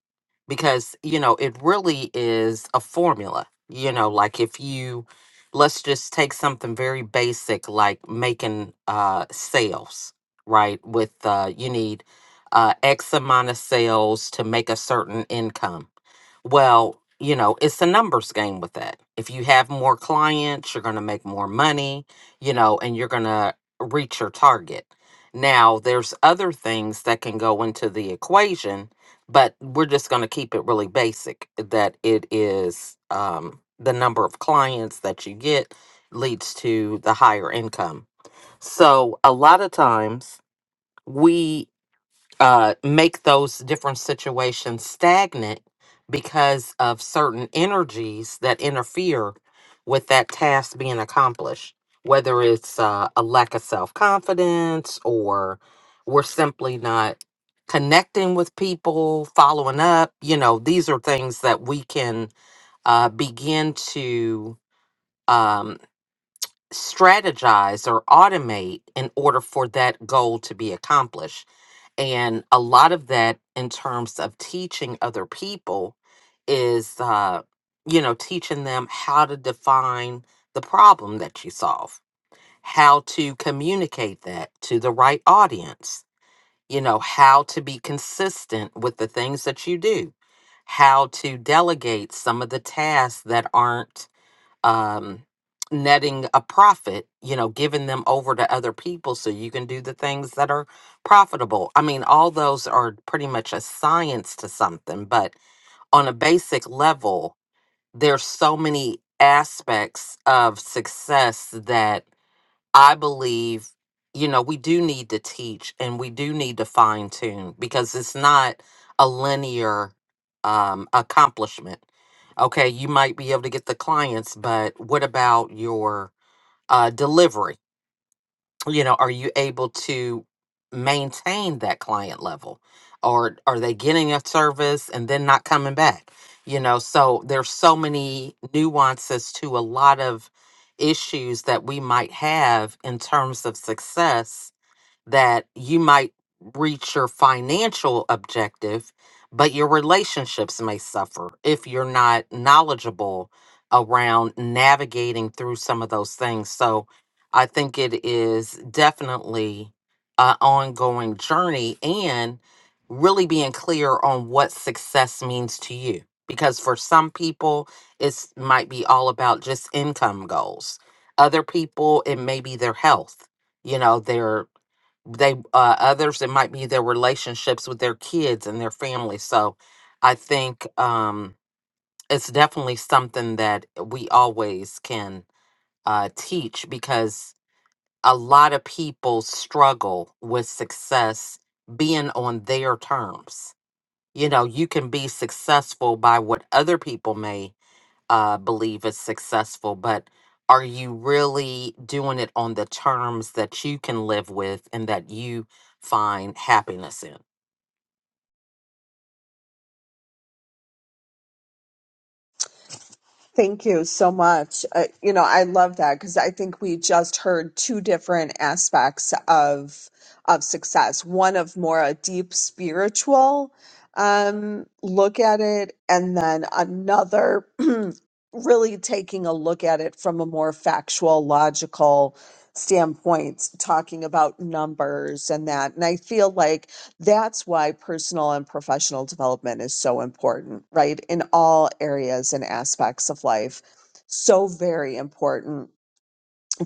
because you know it really is a formula you know like if you let's just take something very basic like making uh sales right with uh you need uh x amount of sales to make a certain income well you know it's a numbers game with that if you have more clients you're going to make more money you know and you're going to reach your target now, there's other things that can go into the equation, but we're just going to keep it really basic that it is um, the number of clients that you get leads to the higher income. So, a lot of times we uh, make those different situations stagnant because of certain energies that interfere with that task being accomplished, whether it's uh, a lack of self confidence or we're simply not connecting with people, following up. You know, these are things that we can uh, begin to um, strategize or automate in order for that goal to be accomplished and a lot of that in terms of teaching other people is uh you know teaching them how to define the problem that you solve how to communicate that to the right audience you know how to be consistent with the things that you do how to delegate some of the tasks that aren't um, netting a profit, you know, giving them over to other people so you can do the things that are profitable. I mean, all those are pretty much a science to something, but on a basic level, there's so many aspects of success that I believe, you know, we do need to teach and we do need to fine tune because it's not a linear um, accomplishment. Okay, you might be able to get the clients, but what about your uh, delivery? you know are you able to maintain that client level or are they getting a service and then not coming back you know so there's so many nuances to a lot of issues that we might have in terms of success that you might reach your financial objective, but your relationships may suffer if you're not knowledgeable around navigating through some of those things. So I think it is definitely an ongoing journey and really being clear on what success means to you. Because for some people, it might be all about just income goals. Other people, it may be their health you know their they uh, others it might be their relationships with their kids and their family so i think um it's definitely something that we always can uh teach because a lot of people struggle with success being on their terms you know you can be successful by what other people may uh, believe is successful, but are you really doing it on the terms that you can live with and that you find happiness in? Thank you so much. Uh, you know, I love that because I think we just heard two different aspects of of success. One of more a deep spiritual um, look at it, and then another really taking a look at it from a more factual, logical standpoint, talking about numbers and that. And I feel like that's why personal and professional development is so important, right? In all areas and aspects of life. So very important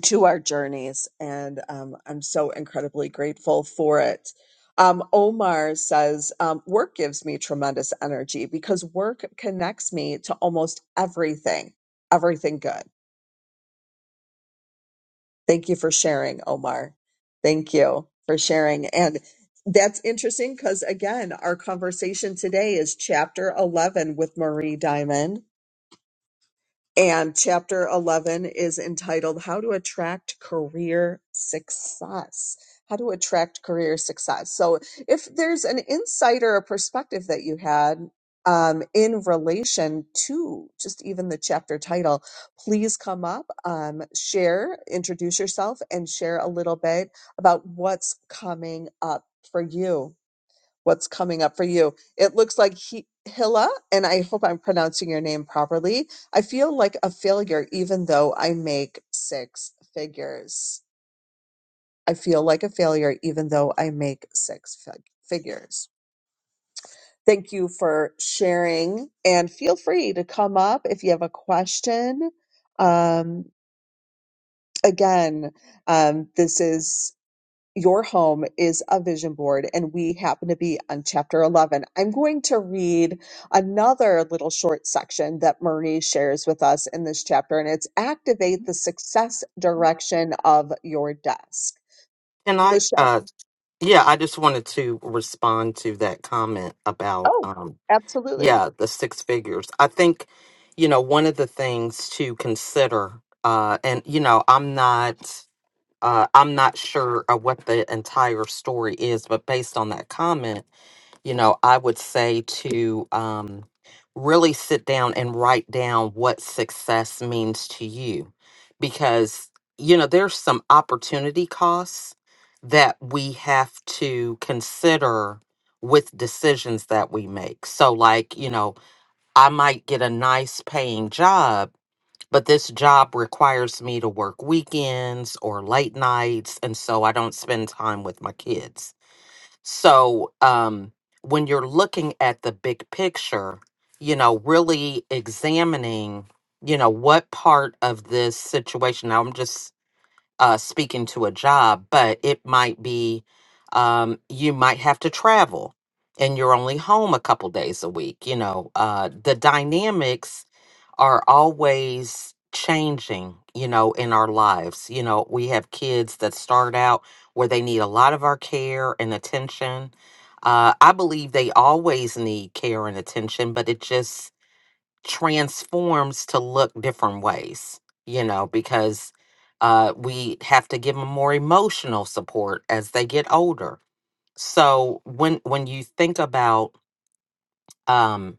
to our journeys. And um, I'm so incredibly grateful for it. Um, Omar says, um, work gives me tremendous energy because work connects me to almost everything, everything good Thank you for sharing, Omar. Thank you for sharing. And that's interesting because, again, our conversation today is chapter 11 with Marie Diamond. And chapter 11 is entitled How to Attract Career Success. How to Attract Career Success. So, if there's an insight or a perspective that you had um, in relation to just even the chapter title, please come up, um, share, introduce yourself, and share a little bit about what's coming up for you what's coming up for you. It looks like he, Hilla, and I hope I'm pronouncing your name properly. I feel like a failure even though I make six figures. I feel like a failure even though I make six fig- figures. Thank you for sharing and feel free to come up if you have a question. Um, again, um, this is Your Home is a Vision Board, and we happen to be on chapter 11. I'm going to read another little short section that Marie shares with us in this chapter, and it's Activate the Success Direction of Your Desk. And I, Lachelle. uh, yeah, I just wanted to respond to that comment about, Oh, um, absolutely. yeah, the six figures. I think, you know, one of the things to consider, uh, and you know, I'm not, uh, I'm not sure of what the entire story is, but based on that comment, you know, I would say to um, really sit down and write down what success means to you. Because, you know, there's some opportunity costs that we have to consider with decisions that we make. So, like, you know, I might get a nice paying job, but this job requires me to work weekends or late nights. And so I don't spend time with my kids so, um, when you're looking at the big picture, you know, really examining, you know, what part of this situation, now I'm just uh, speaking to a job, but it might be um, you might have to travel and you're only home a couple days a week, you know, uh, the dynamics are always changing, you know, in our lives. You know, we have kids that start out where they need a lot of our care and attention. Uh, I believe they always need care and attention, but it just transforms to look different ways, you know, because uh, we have to give them more emotional support as they get older. So when when you think about um,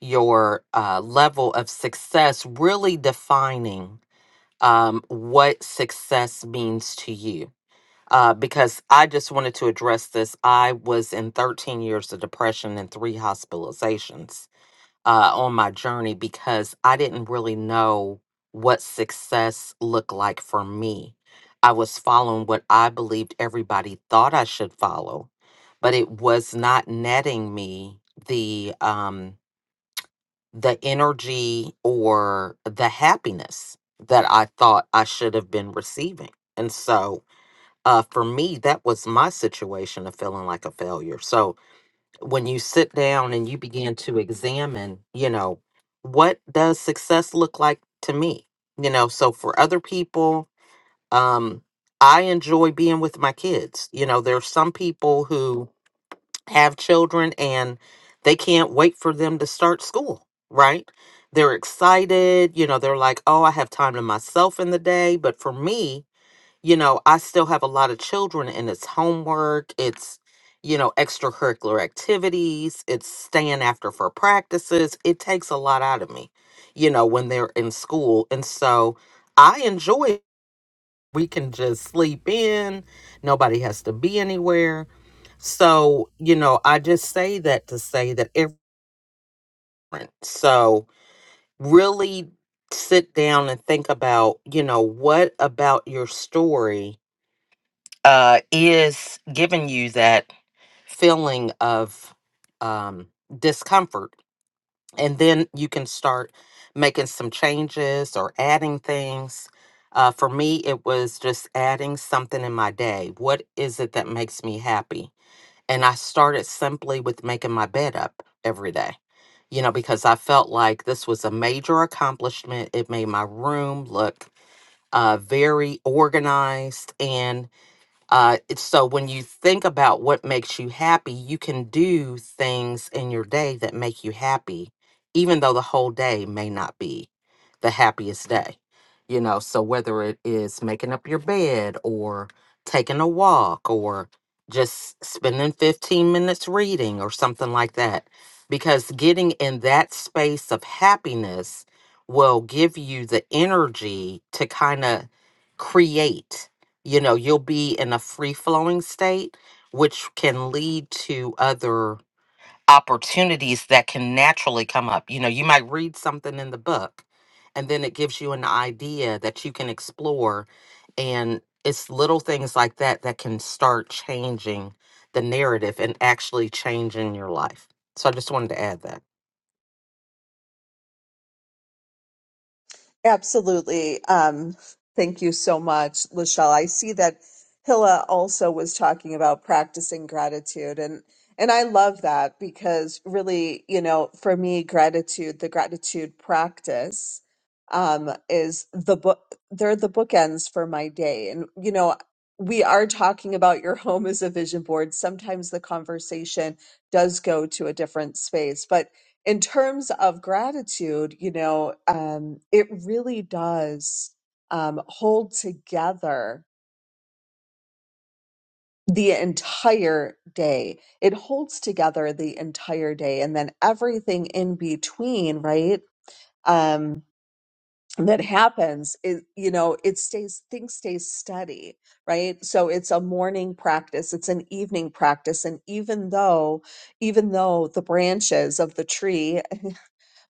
your uh, level of success, really defining um, what success means to you. Uh, because I just wanted to address this. I was in 13 years of depression and three hospitalizations uh, on my journey because I didn't really know what success looked like for me. I was following what I believed everybody thought I should follow, but it was not netting me the. Um, the energy or the happiness that I thought I should have been receiving. And so uh, for me, that was my situation of feeling like a failure. So when you sit down and you begin to examine, you know, what does success look like to me? You know, so for other people, um, I enjoy being with my kids. You know, there are some people who have children and they can't wait for them to start school, right? They're excited, you know, they're like, "Oh, I have time to myself in the day." But for me, you know, I still have a lot of children and it's homework, it's you know, extracurricular activities, it's staying after for practices. It takes a lot out of me, you know, when they're in school. And so I enjoy we can just sleep in. Nobody has to be anywhere so, you know, I just say that to say that everyone, so really sit down and think about, you know, what about your story uh, is giving you that feeling of um, discomfort. And then you can start making some changes or adding things. Uh, for me, it was just adding something in my day. What is it that makes me happy? And I started simply with making my bed up every day, you know, because I felt like this was a major accomplishment. It made my room look uh, very organized. And uh, it's so when you think about what makes you happy, you can do things in your day that make you happy, even though the whole day may not be the happiest day. You know, so whether it is making up your bed or taking a walk or just spending 15 minutes reading or something like that, because getting in that space of happiness will give you the energy to kind of create you know you'll be in a free flowing state which can lead to other opportunities that can naturally come up you know you might read something in the book and then it gives you an idea that you can explore and it's little things like that that can start changing the narrative and actually changing your life so i just wanted to add that Absolutely. Um, thank you so much, Lachelle. I see that Hilla also was talking about practicing gratitude and and I love that because really, you know, for me, gratitude, the gratitude practice um, is the book they're the bookends for my day. And you know, we are talking about your home as a vision board. Sometimes the conversation does go to a different space, but in terms of gratitude, you know, um, it really does um, hold together the entire day. It holds together the entire day, and then everything in between, right? Um, that happens is you know it stays things stay steady right so it's a morning practice it's an evening practice and even though even though the branches of the tree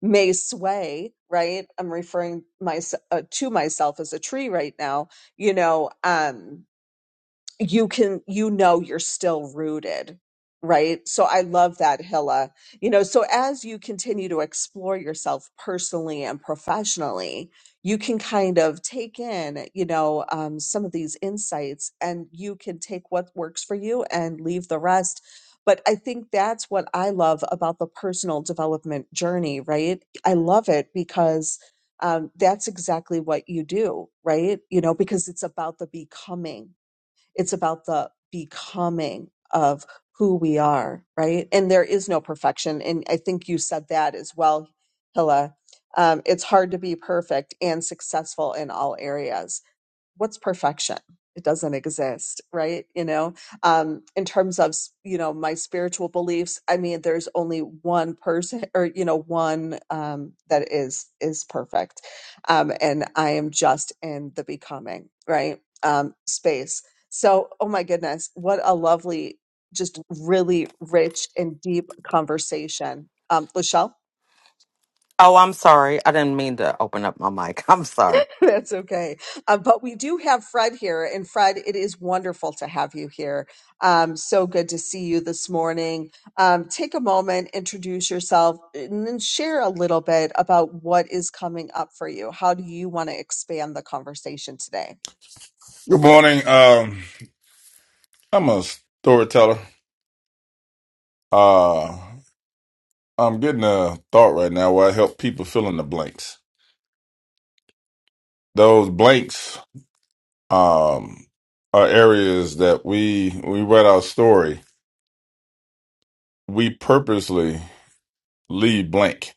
may sway right i'm referring myself uh, to myself as a tree right now you know um you can you know you're still rooted right so i love that hilla you know so as you continue to explore yourself personally and professionally you can kind of take in you know um, some of these insights and you can take what works for you and leave the rest but i think that's what i love about the personal development journey right i love it because um, that's exactly what you do right you know because it's about the becoming it's about the becoming of who we are, right? And there is no perfection. And I think you said that as well, Hilla. Um, it's hard to be perfect and successful in all areas what's perfection it doesn't exist right you know um in terms of you know my spiritual beliefs i mean there's only one person or you know one um that is is perfect um and i am just in the becoming right um space so oh my goodness what a lovely just really rich and deep conversation um lachelle oh i'm sorry i didn't mean to open up my mic i'm sorry That's okay. Uh, but we do have Fred here, and Fred, it is wonderful to have you here. Um, so good to see you this morning. Um, take a moment, introduce yourself, and then share a little bit about what is coming up for you. How do you want to expand the conversation today? Good morning. Um, I'm a storyteller. Uh, I'm getting a thought right now where I help people fill in the blanks. Those blanks um, are areas that we we write our story. We purposely leave blank,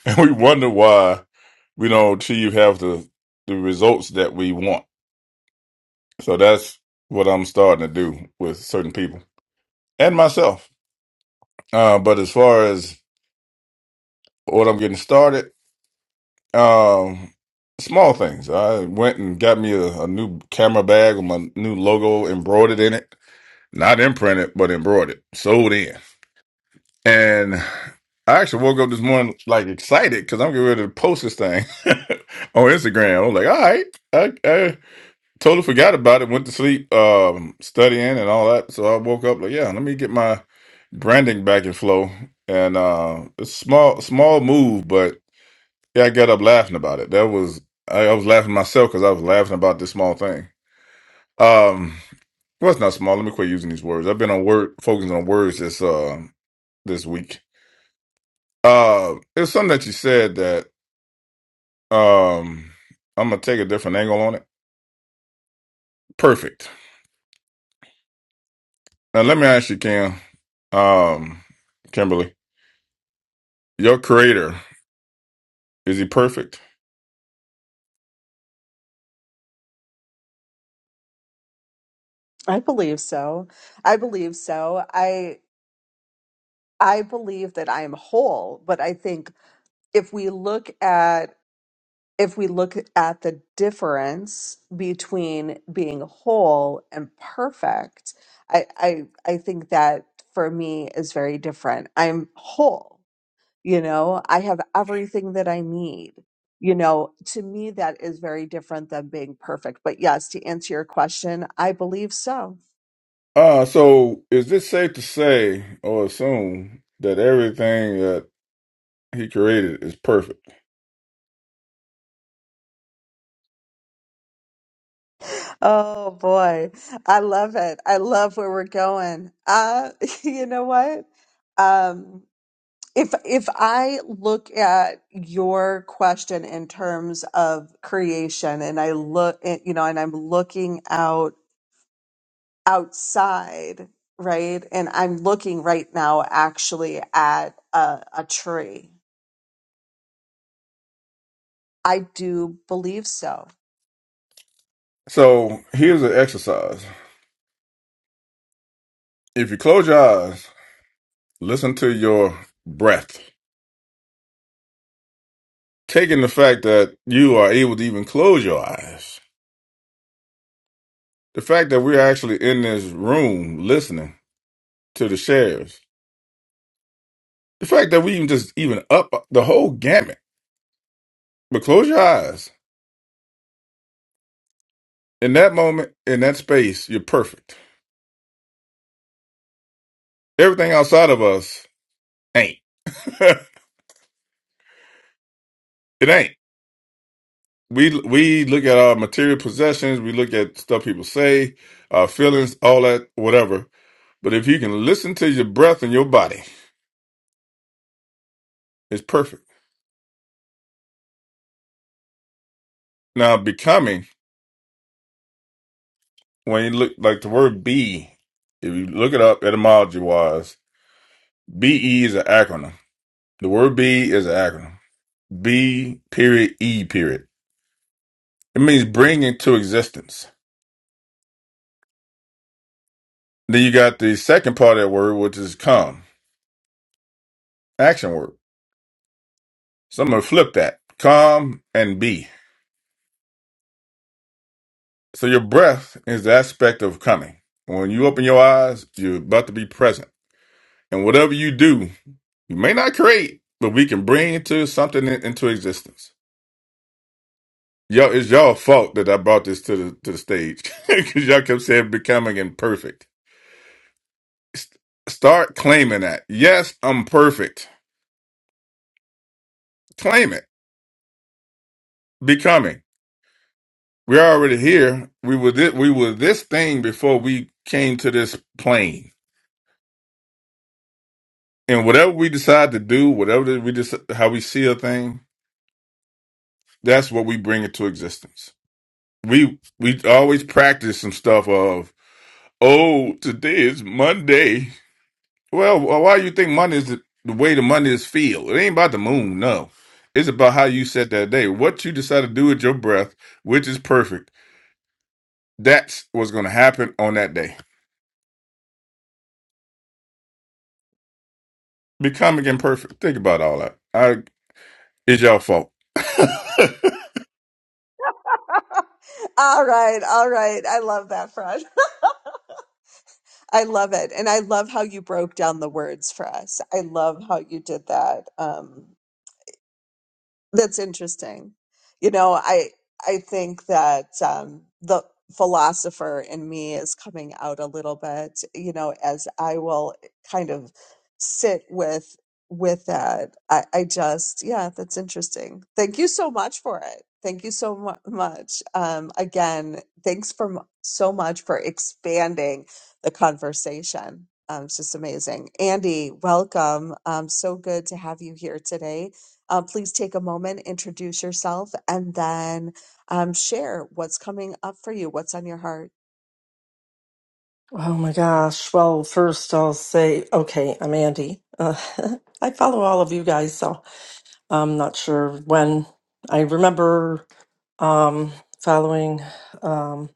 and we wonder why we don't achieve have the the results that we want. So that's what I'm starting to do with certain people and myself. Uh, but as far as what I'm getting started. Um, small things. I went and got me a, a new camera bag with my new logo embroidered in it. Not imprinted, but embroidered. Sold in. And I actually woke up this morning like excited because I'm getting ready to post this thing on Instagram. I was like, all right. I, I totally forgot about it. Went to sleep, um, studying and all that. So I woke up like, yeah, let me get my branding back in flow. And uh, it's small, small move, but. Yeah, I got up laughing about it. That was I, I was laughing myself because I was laughing about this small thing. Um, well, it's not small. Let me quit using these words. I've been on word focusing on words this uh this week. Uh, it was something that you said that um I'm gonna take a different angle on it. Perfect. Now let me ask you, Cam, um, Kimberly, your creator is he perfect? I believe so. I believe so. I I believe that I am whole, but I think if we look at if we look at the difference between being whole and perfect, I, I I think that for me is very different. I'm whole, you know, I have everything that I need. You know, to me that is very different than being perfect. But yes, to answer your question, I believe so. Uh, so is it safe to say or assume that everything that he created is perfect? Oh boy. I love it. I love where we're going. Uh you know what? um. If if I look at your question in terms of creation and I look eh, you know and I'm looking out outside, right? And I'm looking right now actually at a, a tree. I do believe so. So here's an exercise. If you close your eyes, listen to your breath. Taking the fact that you are able to even close your eyes, the fact that we're actually in this room listening to the shares, the fact that we even just even up the whole gamut, but close your eyes. In that moment, in that space, you're perfect. Everything outside of us ain't. it ain't. We we look at our material possessions, we look at stuff people say, our feelings, all that, whatever But if you can listen to your breath and your body, it's perfect. Now, becoming, when you look like the word be, if you look it up etymology wise, BE e is an acronym. The word be is an acronym. B period E period. It means bring into existence. Then you got the second part of that word, which is come, action word. So I'm going to flip that. Come and be. So your breath is the aspect of coming. When you open your eyes, you're about to be present. And whatever you do, You may not create, but we can bring into something in- into existence. Y'all, it's y'all fault that I brought this to the to the stage because y'all kept saying becoming imperfect. S- Start claiming that. Yes, I'm perfect. Claim it. Becoming. We're already here. We were this, we were this thing before we came to this plane. And whatever we decide to do, whatever that we just how we see a thing, that's what we bring into existence. We we always practice some stuff of Oh, today is Monday. Well, wh- why do you think money is the the way the money is feel? It ain't about the moon, no. It's about how you set that day. What you decide to do with your breath, which is perfect. That's what's going to happen on that day. Becoming imperfect. Think about all that. I, it's your fault. All right, all right. I love that, Fred. I love it. And I love how you broke down the words for us. I love how you did that. Um, That's interesting. You know, I I think that um, the philosopher in me is coming out a little bit. You know, as I will kind of sit with with that. I, I just yeah, that's interesting. Thank you so much for it. Thank you so mu- much. Um, again, thanks for mu- so much for expanding the conversation. Um, it's just amazing, Andy. Welcome. Um, so good to have you here today uh, please take a moment, introduce yourself, and then um, share what's coming up for you, what's on your heart. Oh my gosh. Well, first I'll say, okay, I'm Andy. Uh, I follow all of you guys, so I'm not sure when. I remember um, following um,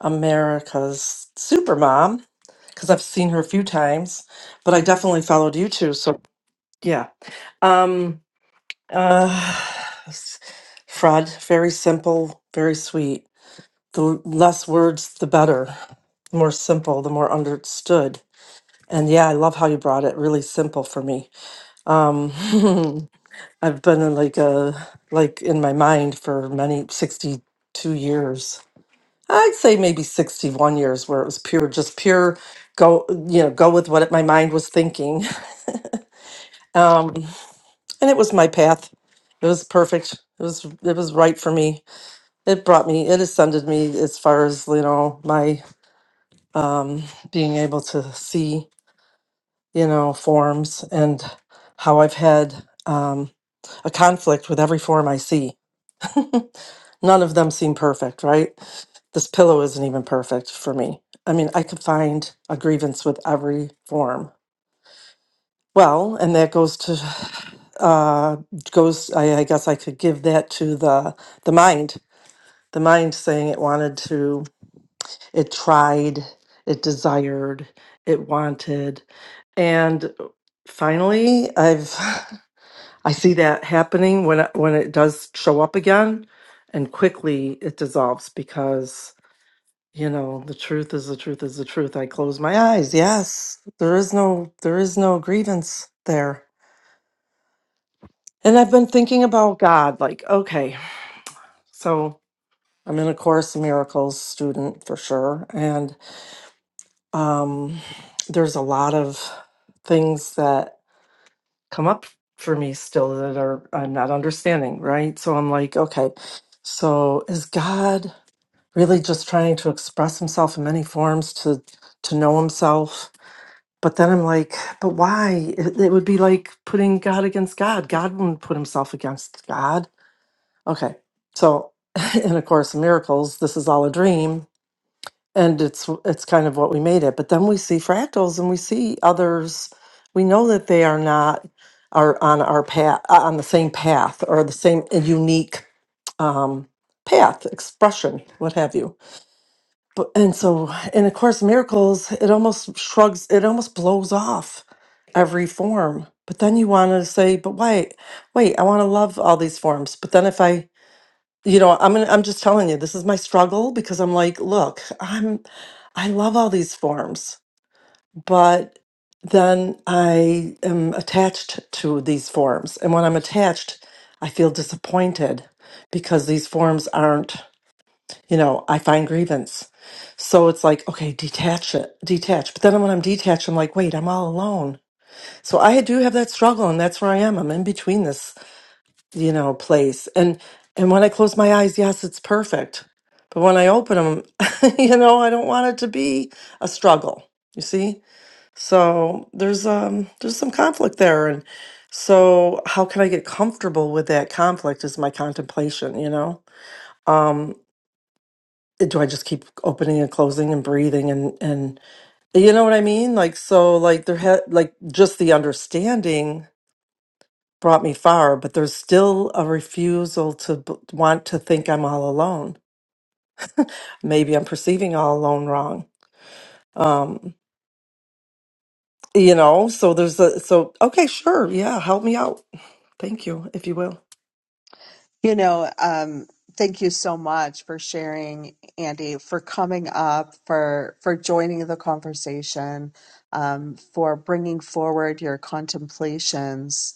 America's Supermom because I've seen her a few times, but I definitely followed you too. So yeah. Um, uh, s- Fred, very simple, very sweet. The less words, the better. The more simple, the more understood And yeah, I love how you brought it really simple for me. Um, I've been in like a like in my mind for many 62 years. I'd say maybe 61 years where it was pure just pure go you know go with what it, my mind was thinking. Um, and it was my path. It was perfect. It was it was right for me. It brought me it ascended me as far as you know my um, being able to see you know, forms and how I've had um, a conflict with every form I see. None of them seem perfect, right? This pillow isn't even perfect for me. I mean, I could find a grievance with every form. Well, and that goes to uh, goes. I, I guess I could give that to the the mind. The mind saying it wanted to, it tried, it desired, it wanted, and finally, I've I see that happening when it, when it does show up again, and quickly it dissolves because you know the truth is the truth is the truth. I close my eyes. Yes, there is no there is no grievance there. And I've been thinking about God. Like, okay, so I'm in a Course in Miracles student for sure, and um, there's a lot of things that come up for me still that are I'm not understanding, right? So I'm like, okay, so is God really just trying to express himself in many forms to to know himself? But then I'm like, but why? It, it would be like putting God against God. God wouldn't put himself against God. Okay. So in A Course in Miracles, this is all a dream and it's it's kind of what we made it but then we see fractals and we see others we know that they are not are on our path uh, on the same path or the same unique um path expression what have you but and so in a course in miracles it almost shrugs it almost blows off every form but then you want to say but wait wait i want to love all these forms but then if i you know i'm gonna, i'm just telling you this is my struggle because i'm like look i'm i love all these forms but then i am attached to these forms and when i'm attached i feel disappointed because these forms aren't you know i find grievance so it's like okay detach it detach but then when i'm detached i'm like wait i'm all alone so i do have that struggle and that's where i am i'm in between this you know, place. And and when I close my eyes, yes, it's perfect. But when I open them, you know, I don't want it to be a struggle. You see? So there's um there's some conflict there and so how can I get comfortable with that conflict is my contemplation, you know? Um do I just keep opening and closing and breathing and and you know what I mean? Like so like there had like just the understanding brought me far, but there's still a refusal to b- want to think I'm all alone. Maybe I'm perceiving all alone wrong. Um, you know, so there's a so okay, sure, yeah, help me out. Thank you, if you will. You know, um, thank you so much for sharing, Andy, for coming up, for for joining the conversation, um, for bringing forward your contemplations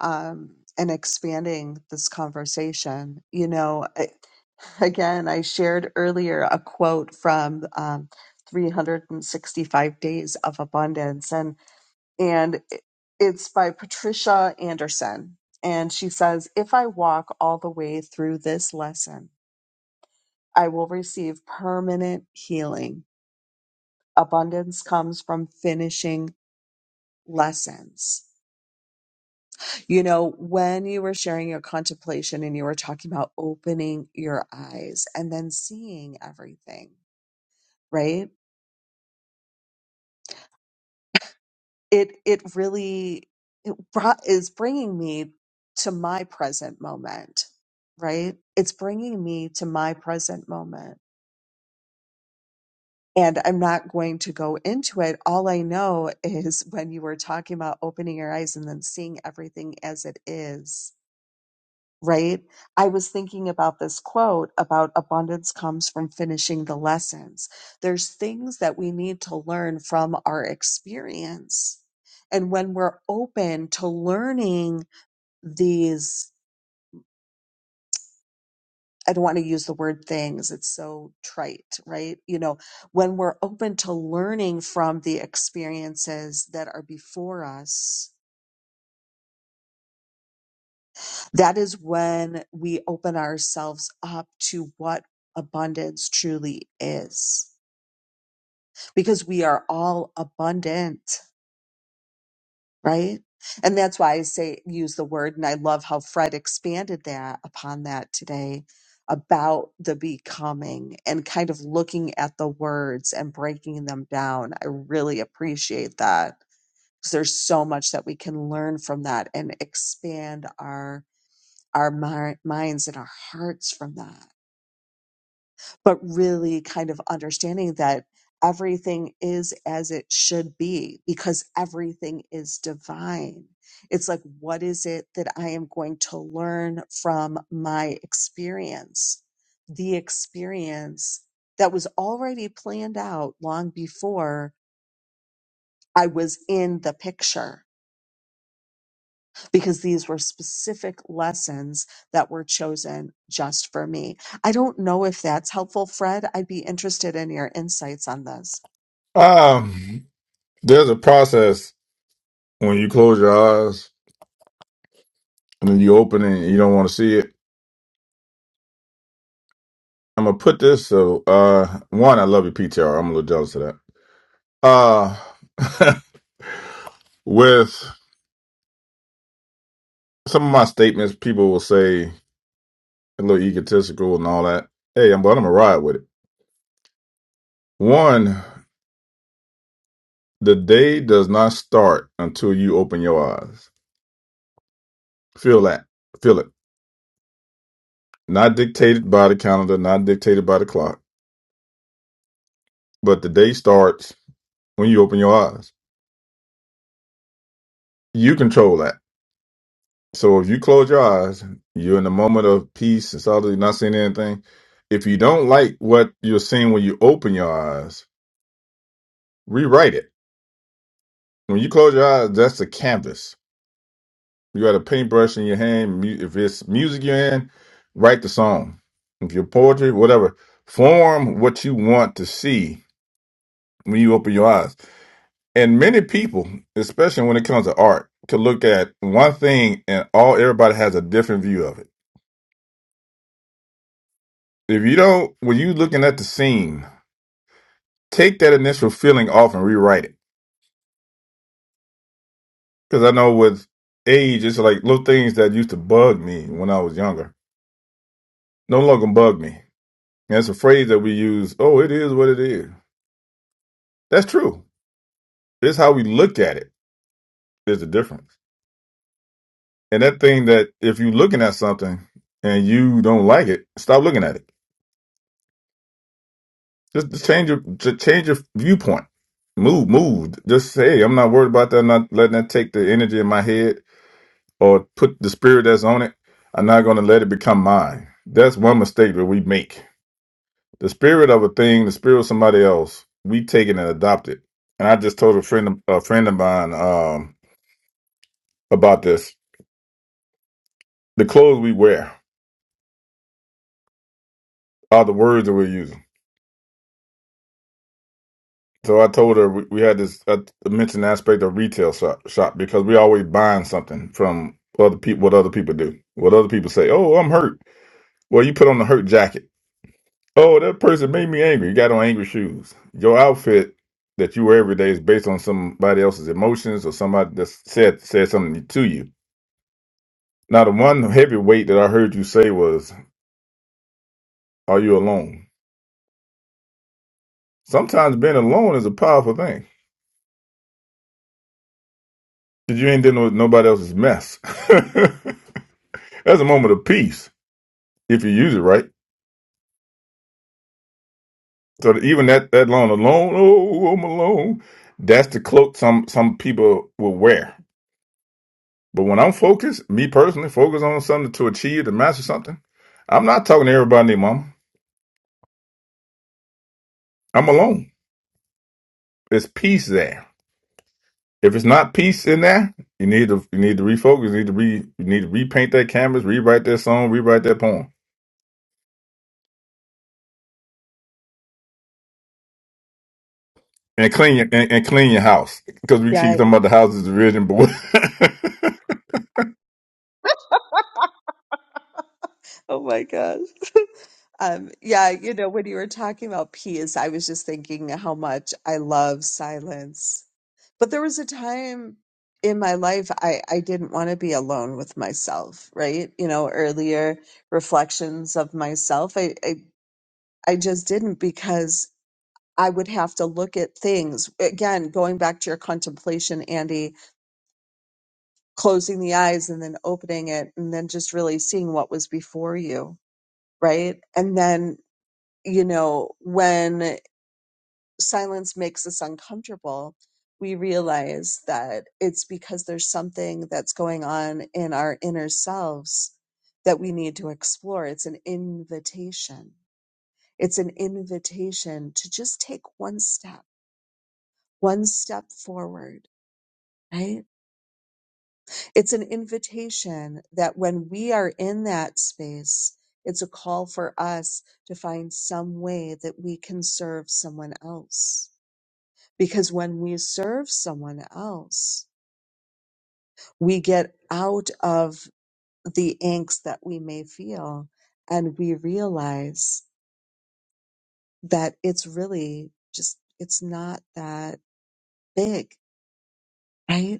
um, and expanding this conversation. You know, Again, I shared earlier a quote from um, 365 Days of Abundance, and and it's by Patricia Anderson, and she says, "If I walk all the way through this lesson, I will receive permanent healing. Abundance comes from finishing lessons." You know, when you were sharing your contemplation and you were talking about opening your eyes and then seeing everything, right? it it really it brought is bringing me to my present moment right it's bringing me to my present moment and i'm not going to go into it all i know is when you were talking about opening your eyes and then seeing everything as it is right? I was thinking about this quote about abundance comes from finishing the lessons. There's things that we need to learn from our experience. And when we're open to learning these, I don't want to use the word things, it's so trite, right? You know, when we're open to learning from the experiences that are before us, that is when we open ourselves up to what abundance truly is. because we are all abundant, right? And that's why I say use the word. And I love how Fred expanded that upon that today about the becoming and kind of looking at the words and breaking them down. I really appreciate that because there's so much that we can learn from that and expand our our mi- minds and our hearts from that. but really kind of understanding that everything is as it should be because everything is divine. It's like, what is it that I am going to learn from my experience? The experience that was already planned out long before I was in the picture because these were specific lessons that were chosen just for me. I don't know if that's helpful, Fred. I'd be interested in your insights on this. Um, there's a process when you close your eyes and then you open it and you don't want to see it. I'm gonna put this so uh one, I love your PTR. I'm a little jealous of that. Uh With some of my statements, people will say a little egotistical and all that. Hey, I'm but I'm gonna ride with it. One, the day does not start until you open your eyes. Feel that. Feel it. Not dictated by the calendar, not dictated by the clock. But the day starts when you open your eyes. You control that. So if you close your eyes, you're in a moment of peace and solitude, not seeing anything. If you don't like what you're seeing when you open your eyes, rewrite it When you close your eyes, that's a canvas. You got a paintbrush in your hand. mu- If it's music you're in, write the song. If you're poetry, whatever, form what you want to see when you open your eyes. And many people, especially when it comes to art, can look at one thing and all everybody has a different view of it. If you don't, when you're looking at the scene, take that initial feeling off and rewrite it. Because I know with age, it's like little things that used to bug me when I was younger no longer bug me That's a phrase that we use. Oh, it is what it is. That's true. It's how we look at it is the difference. And that thing that if you're looking at something and you don't like it, stop looking at it. Just, just change your just change your viewpoint. Move, move. Just say, hey, I'm not worried about that. I'm not letting that take the energy in my head or put the spirit that's on it. I'm not going to let it become mine. That's one mistake that we make The spirit of a thing, the spirit of somebody else, we take it and adopt it. And I just told a friend, a friend of mine, um, about this. The clothes we wear are the words that we're using. So I told her we, we had this uh, mentioned aspect of retail shop, shop because we always buying something from other people, what other people do, what other people say. Oh, I'm hurt. Well, you put on the hurt jacket. Oh, that person made me angry. You got on angry shoes. Your outfit that you wear every day is based on somebody else's emotions or somebody that said said something to you Now, the one heavy weight that I heard you say was, Are you alone? Sometimes being alone is a powerful thing because you ain't dealing with nobody else's mess. That's a moment of peace if you use it right. So, that even that, that line, alone, oh, I'm alone, that's the cloak some, some people will wear. But when I'm focused, me personally, focused on something to achieve, to master something, I'm not talking to everybody, and their mama. I'm alone. There's peace there. if it's not peace in there, you need to you need to refocus. You need to re you need to repaint that canvas, rewrite that song, rewrite that poem, and clean your and, and clean your house because we keep Yeah, talking about the houses of vision boy. Oh my gosh. Um, yeah, you know, when you were talking about peace, I was just thinking how much I love silence. But there was a time in my life I, I didn't want to be alone with myself, right? You know, earlier reflections of myself. I, I, I just didn't because. I would have to look at things. Again, going back to your contemplation, Andy, closing the eyes and then opening it and then just really seeing what was before you, right? And then, you know, when silence makes us uncomfortable, we realize that it's because there's something that's going on in our inner selves that we need to explore. It's an invitation. It's an invitation to just take one step, one step forward right? It's an invitation that when we are in that space, it's a call for us to find some way that we can serve someone else. Because when we serve someone else, we get out of the angst that we may feel and we realize that it's really just, it's not that big, right?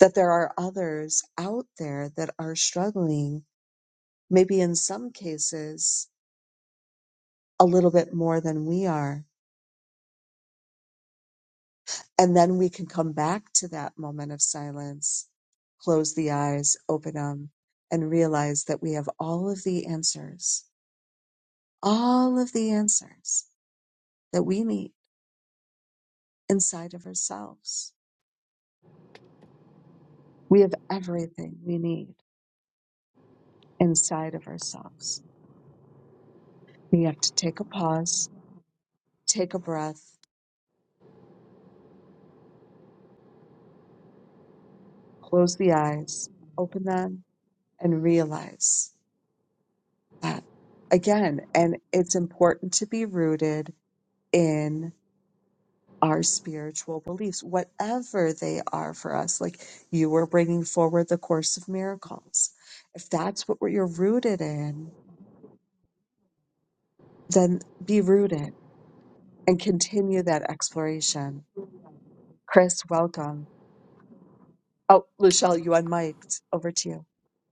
That there are others out there that are struggling maybe in some cases a little bit more than we are. And then we can come back to that moment of silence, close the eyes, open them, and realize that we have all of the answers, all of the answers that we need inside of ourselves. We have everything we need inside of ourselves. We have to take a pause, take a breath, close the eyes, open them, and realize. Uh, again, and it's important to be rooted in our spiritual beliefs, whatever they are for us. Like you were bringing forward the Course of Miracles. If that's what you're rooted in, then be rooted and continue that exploration. Chris, welcome. Oh, Luchelle, you unmiked. Over to you.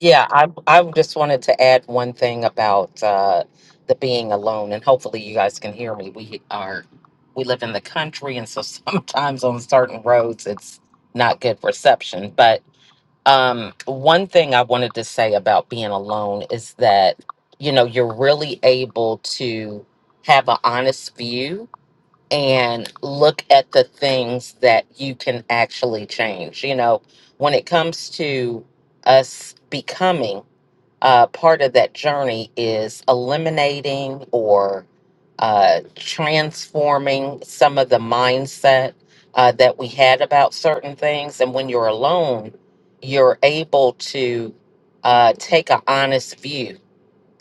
Yeah, I I just wanted to add one thing about uh, the being alone, and hopefully you guys can hear me. We are we live in the country, and so sometimes on certain roads it's not good reception. But um, one thing I wanted to say about being alone is that you know you're really able to have an honest view and look at the things that you can actually change. You know, when it comes to us becoming uh, part of that journey is eliminating or uh, transforming some of the mindset uh, that we had about certain things. And when you're alone, you're able to uh, take an honest view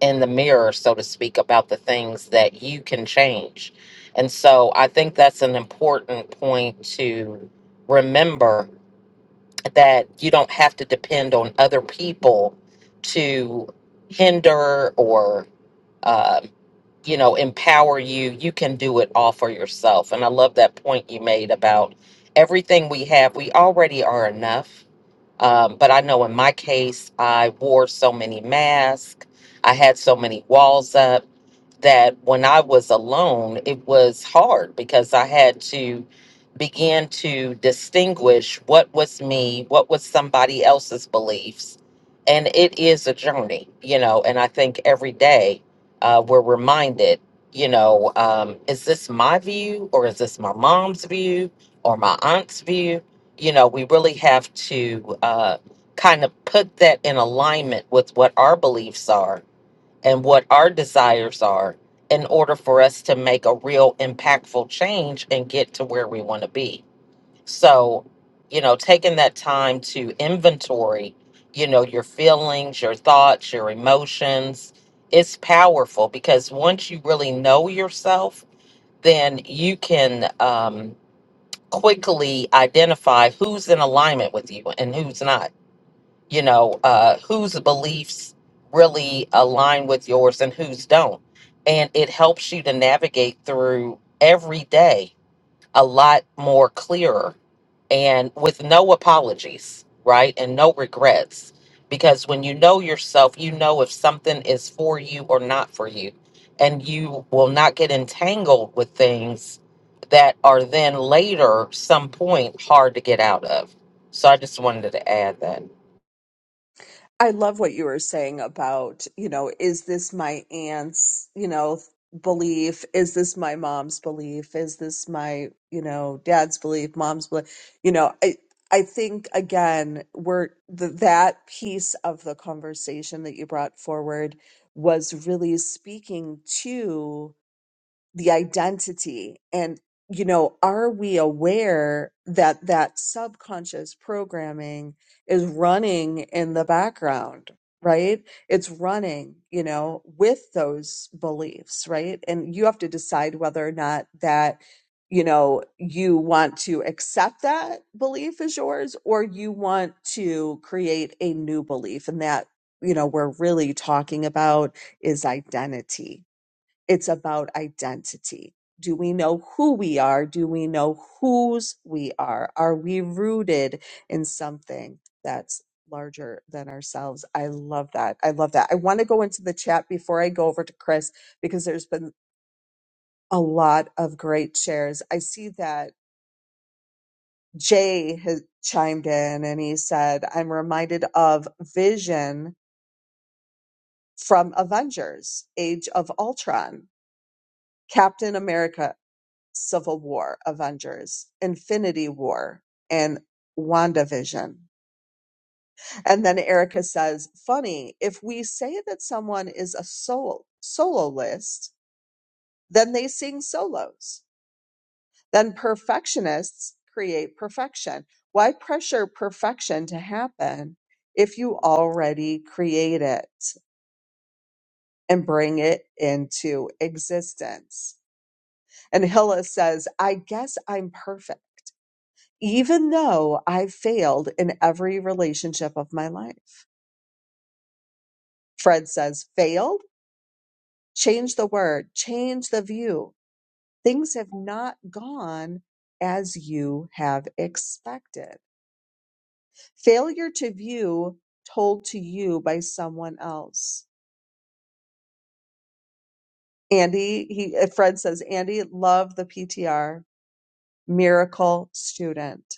in the mirror, so to speak, about the things that you can change. And so I think that's an important point to remember that you don't have to depend on other people to hinder or um, you know empower you you can do it all for yourself and i love that point you made about everything we have we already are enough um, but i know in my case i wore so many masks i had so many walls up that when I was alone, it was hard because I had to begin to distinguish what was me, what was somebody else's beliefs. And it is a journey, you know, and I think every day uh, we're reminded, you know, um, is this my view or is this my mom's view or my aunt's view? You know, we really have to uh, kind of put that in alignment with what our beliefs are and what our desires are in order for us to make a real impactful change and get to where we want to be. So, you know, taking that time to inventory, you know, your feelings, your thoughts, your emotions, it's powerful because once you really know yourself, then you can um, quickly identify who's in alignment with you and who's not you know uh, whose beliefs really align with yours and whose don't and it helps you to navigate through every day a lot more clearer and with no apologies right and no regrets because when you know yourself you know if something is for you or not for you and you will not get entangled with things that are then later some point hard to get out of so i just wanted to add that I love what you were saying about, you know, is this my aunt's, you know, belief? Is this my mom's belief? Is this my, you know, dad's belief, mom's belief? You know, I I think again, we're the, that piece of the conversation that you brought forward was really speaking to the identity and you know are we aware that that subconscious programming is running in the background right it's running you know with those beliefs right and you have to decide whether or not that you know you want to accept that belief as yours or you want to create a new belief and that you know we're really talking about is identity it's about identity. Do we know who we are? Do we know whose we are? Are we rooted in something that's larger than ourselves? I love that. I love that. I want to go into the chat before I go over to Chris because there's been a lot of great shares. I see that Jay has chimed in and he said, I'm reminded of Vision from Avengers, Age of Ultron. Captain America Civil War, Avengers, Infinity War, and WandaVision. And then Erica says, funny, if we say that someone is a soul, soloist, then they sing solos. Then perfectionists create perfection. Why pressure perfection to happen if you already create it and bring it into existence? And Hilla says, I guess I'm perfect. even though I've failed in every relationship of my life. Fred says, failed? Change the word, change the view. Things have not gone as you have expected. Failure to view told to you by someone else. Andy, he, Fred says, Andy, love the PTR, miracle student.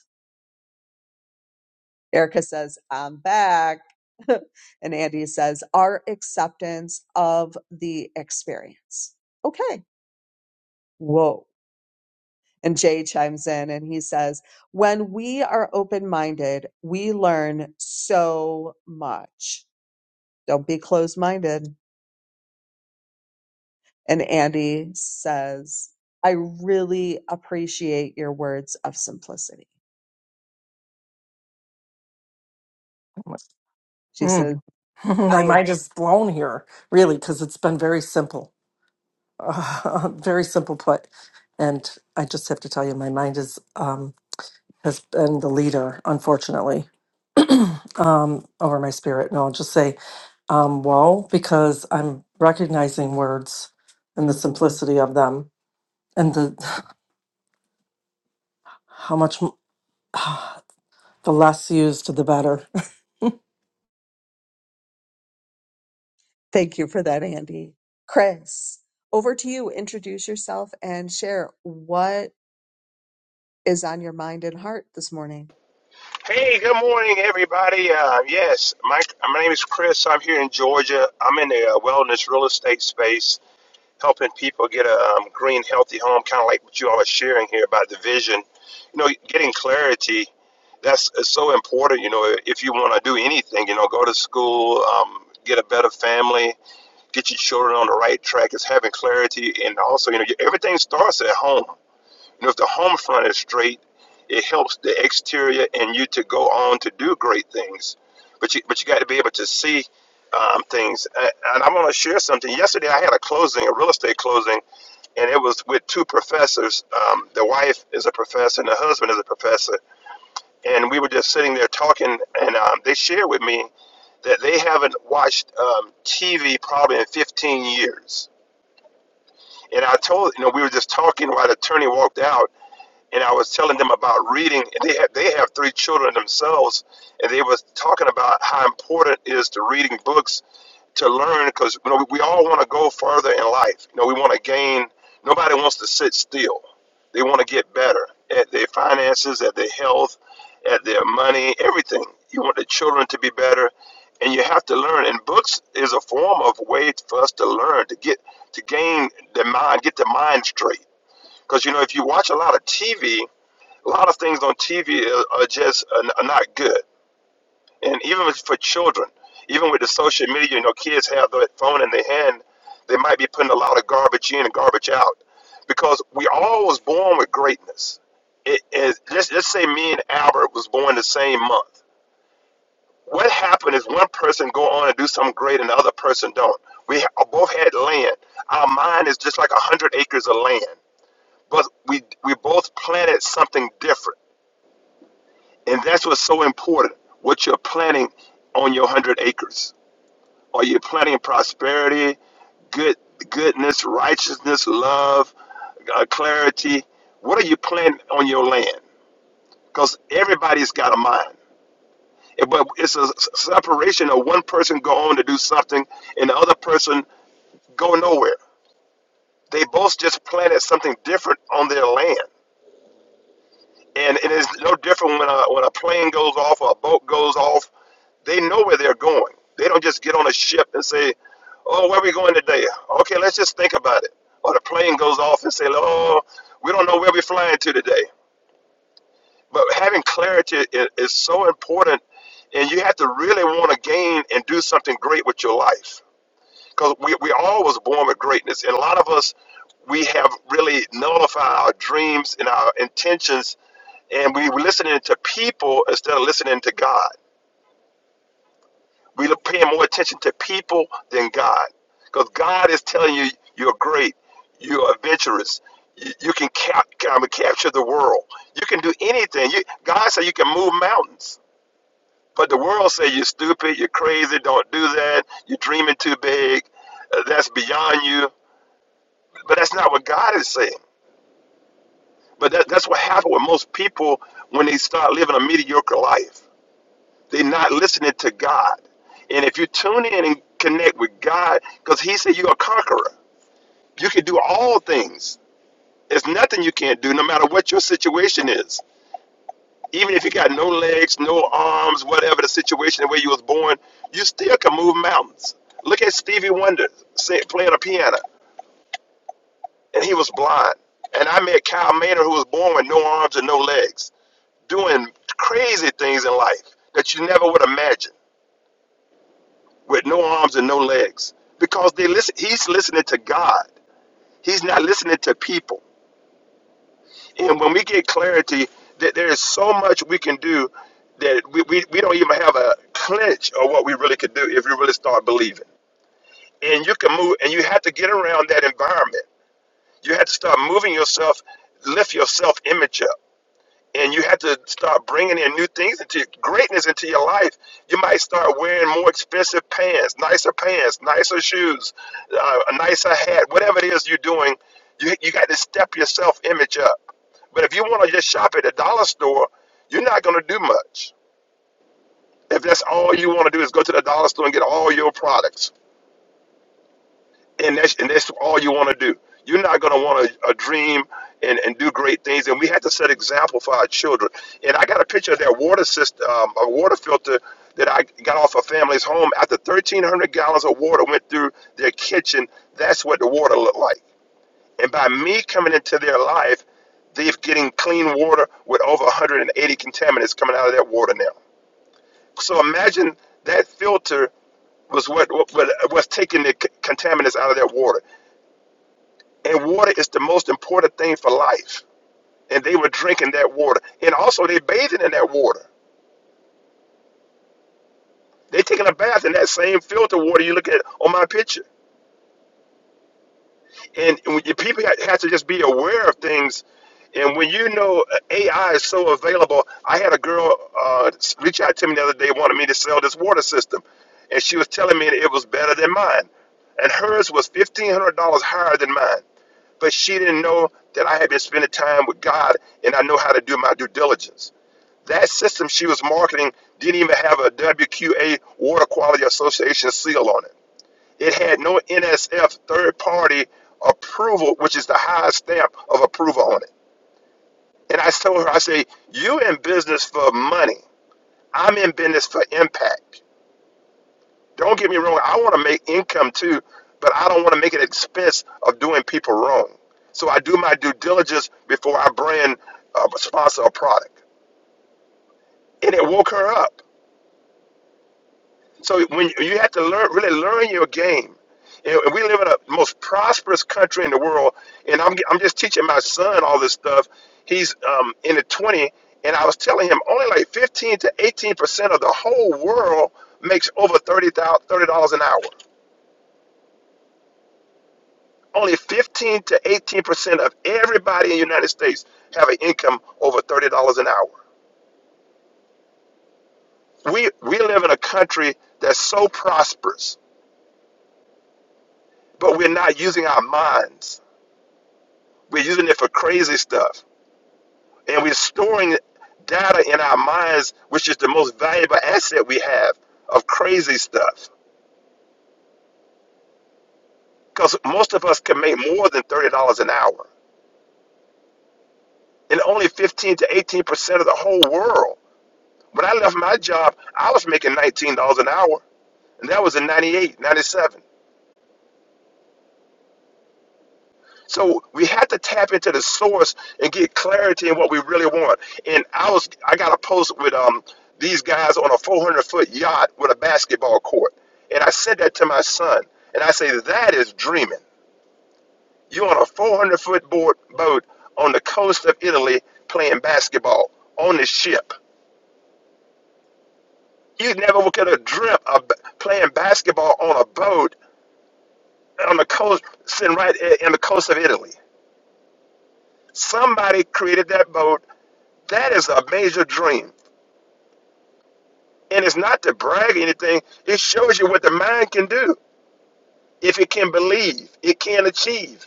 Erica says, I'm back. and Andy says, our acceptance of the experience. Okay. Whoa. And Jay chimes in and he says, when we are open minded, we learn so much. Don't be closed minded. And Andy says, I really appreciate your words of simplicity. She says, Mm. I I might just blown here, really, because it's been very simple, uh, very simple put. And I just have to tell you, my mind is um, has been the leader, unfortunately. um, over my spirit. No, I'll just say, um, whoa, because I'm recognizing words and the simplicity of them and the how much m- the less used, the better. Thank you for that, Andy. Chris, over to you. Introduce yourself and share what is on your mind and heart this morning. Hey, good morning, everybody. Uh, yes, my, my name is Chris. I'm here in Georgia. I'm in the uh, wellness real estate space, helping people get a um, green, healthy home, kind of like what you all are sharing here about the vision. You know, getting clarity, that's is so important. You know, if you want to do anything, you know, go to school, um, get a better family, get your children on the right track, is having clarity. And also, you know, everything starts at home and if the home front is straight, it helps the exterior and you to go on to do great things. But you, but you got to be able to see um, things. A- And I want to share something. Yesterday, I had a closing, a real estate closing, and it was with two professors. Um, the wife is a professor and the husband is a professor. And we were just sitting there talking, and um, they shared with me that they haven't watched um, TV probably in 15 years. And I told, you know, we were just talking while the attorney walked out and I was telling them about reading. And they have they have three children themselves, and they was talking about how important it is to reading books to learn because you know we, we all want to go further in life. You know, we want to gain. Nobody wants to sit still. They want to get better at their finances, at their health, at their money, everything. You want the children to be better, and you have to learn. And books is a form of way for us to learn to get to gain the mind, get the mind straight. Because you know, if you watch a lot of TV, a lot of things on TV are, are just are, are not good, and even for children, even with the social media, you know, kids have their phone in their hand, they might be putting a lot of garbage in and garbage out, because we all was born with greatness. It is let's let's say me and Albert was born the same month. What happened is one person go on and do something great, and the other person don't. We ha- both had land. Our mind is just like a hundred acres of land, but we we both planted something different And that's what's so important. What you're planting on your hundred acres. Are you planting prosperity, good goodness, righteousness, love, uh, clarity? What are you planting on your land? Because everybody's got a mind. Eh, But it's a s- separation of one person go on to do something and the other person go nowhere. They both just planted something different on their land. And it is no different when a, when a plane goes off or a boat goes off. They know where they're going. They don't just get on a ship and say, oh, where we going today? Okay, let's just think about it. Or the plane goes off and say, oh, we don't know where we're flying to today. But having clarity i- is so important, and you have to really want to gain and do something great with your life because we, we all was born with greatness and a lot of us we have really nullified our dreams and our intentions and we were listening to people instead of listening to god we were paying more attention to people than god because god is telling you you're great you're adventurous you, you can cap, um, capture the world you can do anything you, god said you can move mountains but the world say you're stupid you're crazy don't do that you're dreaming too big uh, that's beyond you But that's not what God is saying. But that, that's what happened with most people when they start living a mediocre life. They're not listening to God. And if you tune in and connect with God, because He said you're a conqueror, you can do all things. There's nothing you can't do, no matter what your situation is. Even if you got no legs, no arms, whatever the situation, the way you was born, you still can move mountains. Look at Stevie Wonder say, playing a piano, and he was blind. And I met Kyle Maynard, who was born with no arms and no legs doing crazy things in life that you never would imagine with no arms and no legs because they listen he's listening to God he's not listening to people and when we get clarity that there is so much we can do that we, we, we don't even have a clinch of what we really could do if you really start believing and you can move and you have to get around that environment you have to start moving yourself lift your self image up and you have to start bringing in new things into your, greatness into your life. You might start wearing more expensive pants, nicer pants, nicer shoes, uh, a nicer hat, whatever it is you're doing. You, you got to step your self image up. But if you want to just shop at the dollar store, you're not going to do much. If that's all you want to do is go to the dollar store and get all your products and that's and that's all you want to do. You're not going to want to uh, dream and, and do great things, and we have to set example for our children. And I got a picture of that water system, um, a water filter that I got off a family's home. After 1,300 gallons of water went through their kitchen, that's what the water looked like. And by me coming into their life, they've getting clean water with over 180 contaminants coming out of that water now. So imagine that filter was what, what, was taking the c- contaminants out of that water. And water is the most important thing for life. And they were drinking that water. And also they bathing in that water. They taking a bath in that same filter water you look at on my picture. And when you, people ha- have to just be aware of things. And when you know uh, AI is so available, I had a girl uh, reach out to me the other day, wanted me to sell this water system, and she was telling me that it was better than mine, and hers was fifteen hundred dollars higher than mine. But she didn't know that I had been spending time with God, and I know how to do my due diligence. That system she was marketing didn't even have a WQA Water Quality Association seal on it. It had no NSF third party approval, which is the highest stamp of approval on it. And I told her, I say, you in business for money. I'm in business for impact. Don't get me wrong, I want to make income too, but I don't want to make it expense of doing people wrong. So I do my due diligence before I brand uh, sponsor a product. And it woke her up. So when you have to learn, really learn your game. You know, and we live in a most prosperous country in the world, and I'm I'm just teaching my son all this stuff. He's um, in the 20, and I was telling him only like 15 to 18 percent of the whole world makes over 30 thirty dollars an hour. Only 15 to 18 percent of everybody in the United States have an income over 30 dollars an hour we we live in a country that's so prosperous, but we're not using our minds. We're using it for crazy stuff. And we're storing data in our minds, which is the most valuable asset we have of crazy stuff. Because most of us can make more than $30 an hour. And only 15 to 18% of the whole world. When I left my job, I was making $19 an hour. And that was in 98, 97. So we have to tap into the source and get clarity in what we really want. And I was I got a post with um these guys on a 400 foot yacht with a basketball court, and I said that to my son, and I say that is dreaming. You are on a 400 foot board boat on the coast of Italy playing basketball on the ship. You never could have dreamt of b- playing basketball on a boat on the coast, sitting right i- in the coast of Italy. Somebody created that boat That is a major dream. And it's not to brag or anything. It shows you what the mind can do. If it can believe, it can achieve.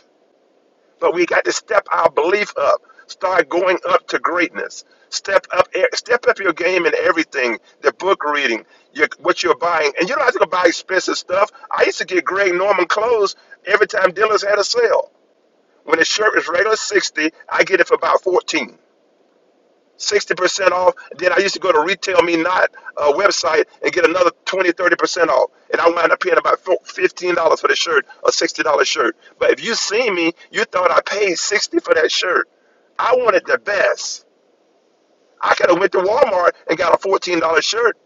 But we got to step our belief up. Start going up to greatness. Step up e, step up your game in everything. The book reading, your, what you're buying. And you don't have to go buy expensive stuff. I used to get Greg Norman clothes every time dealers had a sale. When a shirt is regular 60, I get it for about 14. 60% off. Then I used to go to Retail Me Not uh, website and get another twenty, thirty percent off. And I wound up paying about $15 for the shirt, a $60 shirt. But if you see me, you thought I paid 60 dollars for that shirt. I wanted the best. I could have went to Walmart and got a $14 shirt,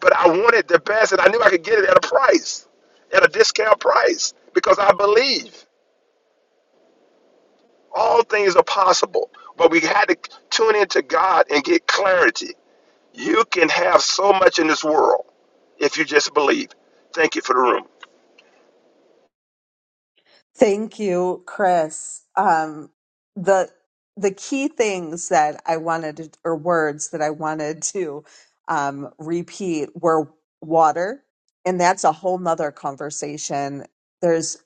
but I wanted the best and I knew I could get it at a price, at a discount price, because I believe all things are possible. But we had to tune into God and get clarity. You can have so much in this world if you just believe. Thank you for the room. Thank you, Chris. Um, the the key things that I wanted to, or words that I wanted to um, repeat were water, and that's a whole nother conversation. There's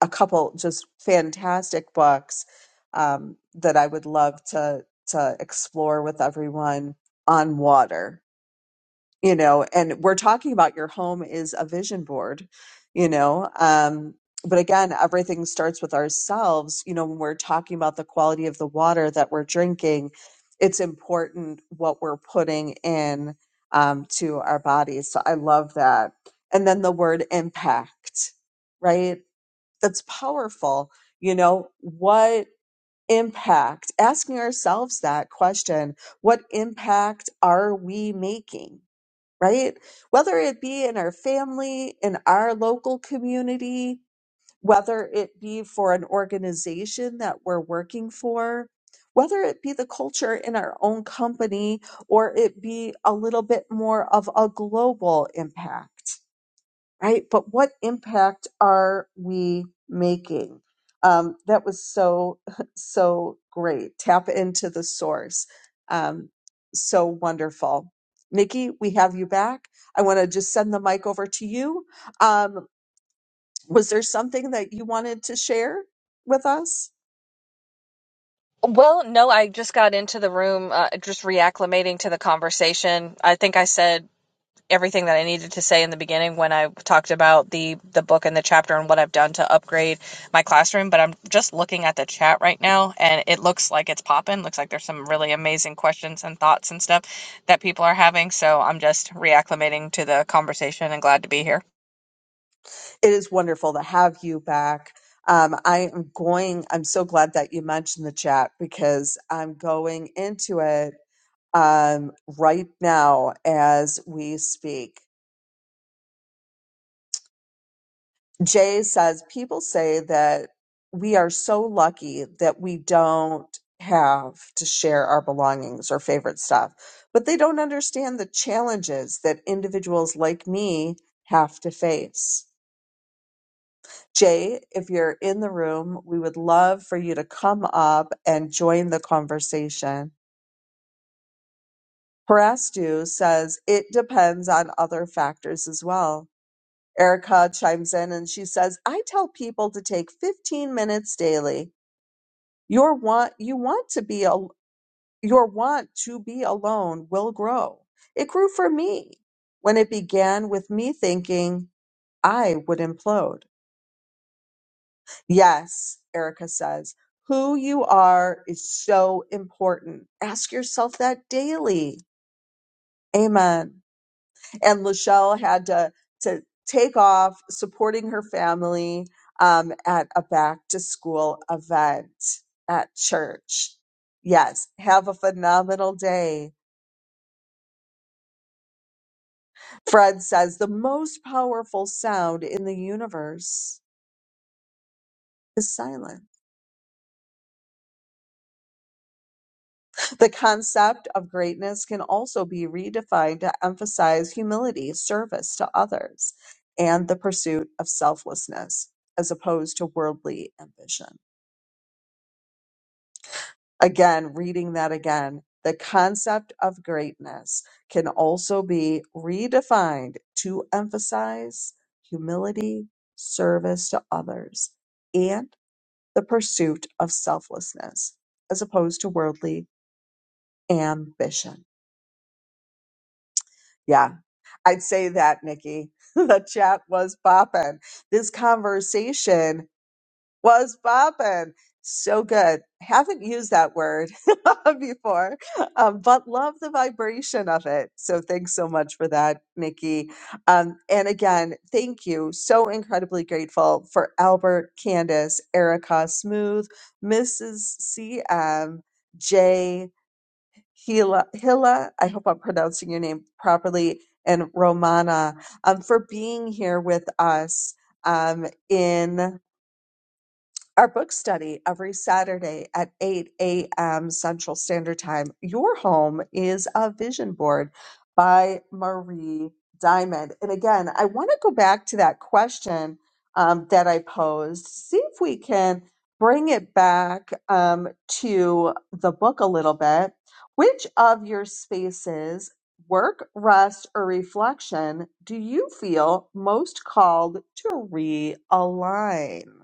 a couple just fantastic books um, that I would love to to explore with everyone on water you know and we're talking about your home is a vision board you know um but again everything starts with ourselves you know when we're talking about the quality of the water that we're drinking it's important what we're putting in um, to our bodies so i love that and then the word impact right that's powerful you know what impact asking ourselves that question what impact are we making right? Whether it be in our family, in our local community, whether it be for an organization that we're working for, whether it be the culture in our own company or it be a little bit more of a global impact right? But what impact are we making? Um, that was so, so great. Tap into the source. Um, so wonderful. Nikki, we have you back. I want to just send the mic over to you. Um, was there something that you wanted to share with us? Well, no, I just got into the room, uh, just reacclimating to the conversation. I think I said everything that I needed to say in the beginning when I talked about the the book and the chapter and what I've done to upgrade my classroom, but I'm just looking at the chat right now and it looks like it's popping. Looks like there's some really amazing questions and thoughts and stuff that people are having, so I'm just reacclimating to the conversation and glad to be here. It is wonderful to have you back. Um, I am going, I'm so glad that you mentioned the chat because I'm going into it um, right now as we speak. Jay says people say that we are so lucky that we don't have to share our belongings or favorite stuff, but they don't understand the challenges that individuals like me have to face. Jay, if you're in the room, we would love for you to come up and join the conversation. Parastu says it depends on other factors as well Erica chimes in and she says, "I tell people to take 15 minutes daily. Your want you want to be al- your want to be alone will grow. It grew for me when it began with me thinking I would implode." Yes, Erica says, "Who you are is so important. Ask yourself that daily." Amen. and Lachelle had to to take off supporting her family um, at a back to school event at church. Yes, have a phenomenal day. Fred says the most powerful sound in the universe is silence. The concept of greatness can also be redefined to emphasize humility, service to others, and the pursuit of selflessness as opposed to worldly ambition. Again, reading that again, the concept of greatness can also be redefined to emphasize humility, service to others, and the pursuit of selflessness as opposed to worldly ambition. Yeah, I'd say that, Nikki. the chat was bopping. This conversation was bopping. So good. Haven't used that word before, um, but love the vibration of it. So thanks so much for that, Nikki. Um, and again, thank you. So incredibly grateful for Albert, Candace, Erica, Smooth, Mrs. CM, Jay, Hila, Hila, I hope I'm pronouncing your name properly, and Romana um, for being here with us um, in our book study every Saturday at 8 a.m. Central Standard Time. Your home is a vision board by Marie Diamond. And again, I want to go back to that question um, that I posed, see if we can bring it back um, to the book a little bit. Which of your spaces, work, rest, or reflection, do you feel most called to realign?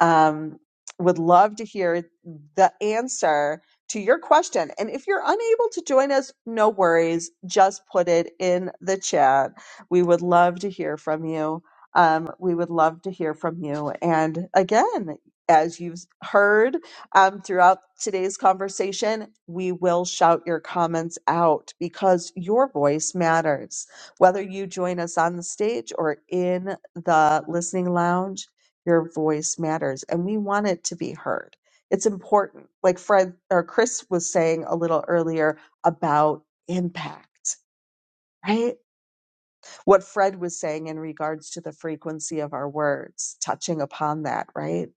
um, would love to hear the answer to your question. And if you're unable to join us, no worries. Just put it in the chat. We would love to hear from you. Um, we would love to hear from you. And again, as you've heard um, throughout today's conversation, we will shout your comments out because your voice matters. Whether you join us on the stage or in the listening lounge, your voice matters and we want it to be heard. It's important. Like Fred or Chris was saying a little earlier about impact, right? What Fred was saying in regards to the frequency of our words, touching upon that, right?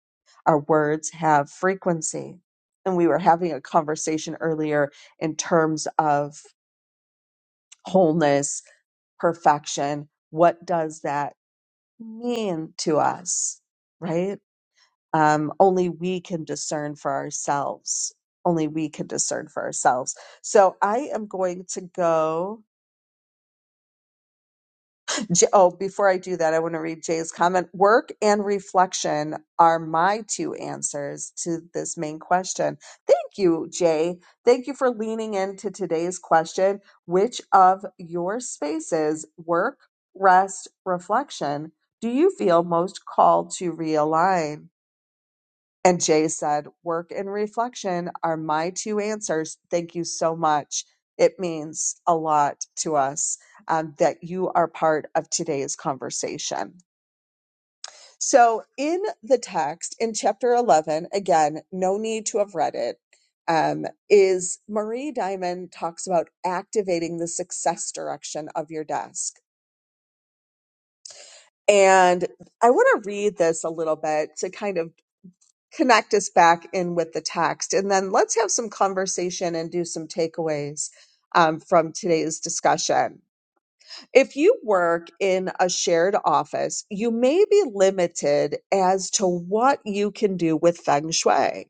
Our words have frequency. And we were having a conversation earlier in terms of wholeness, perfection. What does that mean to us, right? um, only we can discern for ourselves. Only we can discern for ourselves. So I am going to go. J- Oh, before I do that, I want to read Jay's comment. Work and reflection are my two answers to this main question. Thank you, Jay. Thank you for leaning into today's question. Which of your spaces, work, rest, reflection, do you feel most called to realign? And Jay said, Work and reflection are my two answers. Thank you so much. It means a lot to us um, that you are part of today's conversation. So, in the text in chapter 11, again, no need to have read it, um, is Marie Diamond talks about activating the success direction of your desk. And I want to read this a little bit to kind of connect us back in with the text. And then let's have some conversation and do some takeaways um, from today's discussion. If you work in a shared office, you may be limited as to what you can do with feng shui.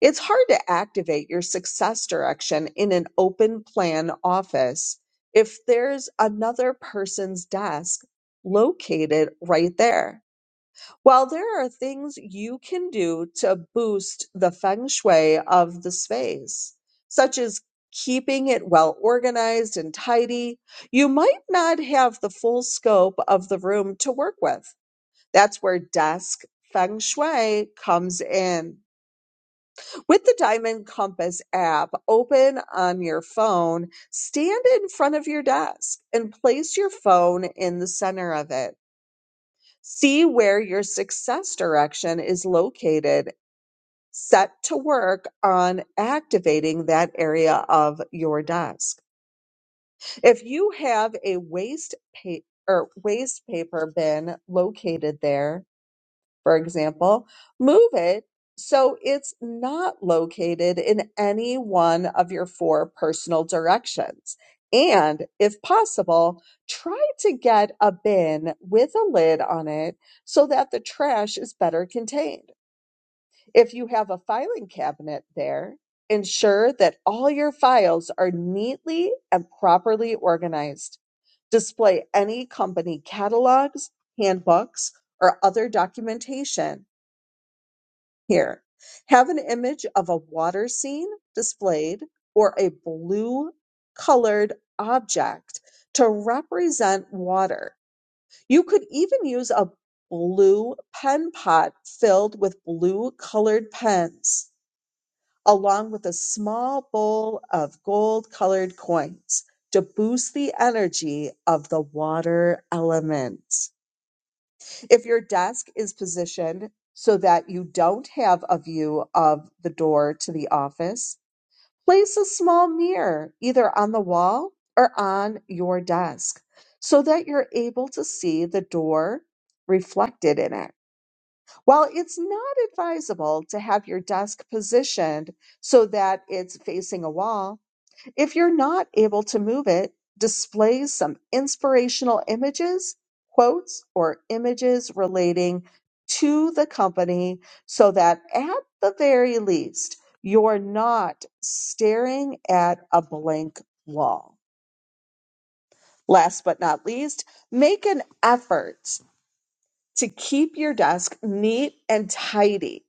It's hard to activate your success direction in an open plan office if there's another person's desk located right there. While there are things you can do to boost the feng shui of the space, such as keeping it well organized and tidy. You might not have the full scope of the room to work with. That's where desk feng shui comes in. With the Diamond Compass app open on your phone, stand in front of your desk and place your phone in the center of it. See where your success direction is located. Set to work on activating that area of your desk. If you have a waste paper or waste paper bin located there, for example, move it so it's not located in any one of your four personal directions. And if possible, try to get a bin with a lid on it so that the trash is better contained. If you have a filing cabinet there, ensure that all your files are neatly and properly organized. Display any company catalogs, handbooks, or other documentation here, have an image of a water scene displayed or a blue colored object to represent water. You could even use a blue pen pot filled with blue colored pens, along with a small bowl of gold colored coins to boost the energy of the water element. If your desk is positioned so that you don't have a view of the door to the office, place a small mirror either on the wall or on your desk so that you're able to see the door reflected in it. While it's not advisable to have your desk positioned so that it's facing a wall, if you're not able to move it, display some inspirational images, quotes, or images relating to the company so that at the very least, you're not staring at a blank wall. Last but not least, make an effort to keep your desk neat and tidy.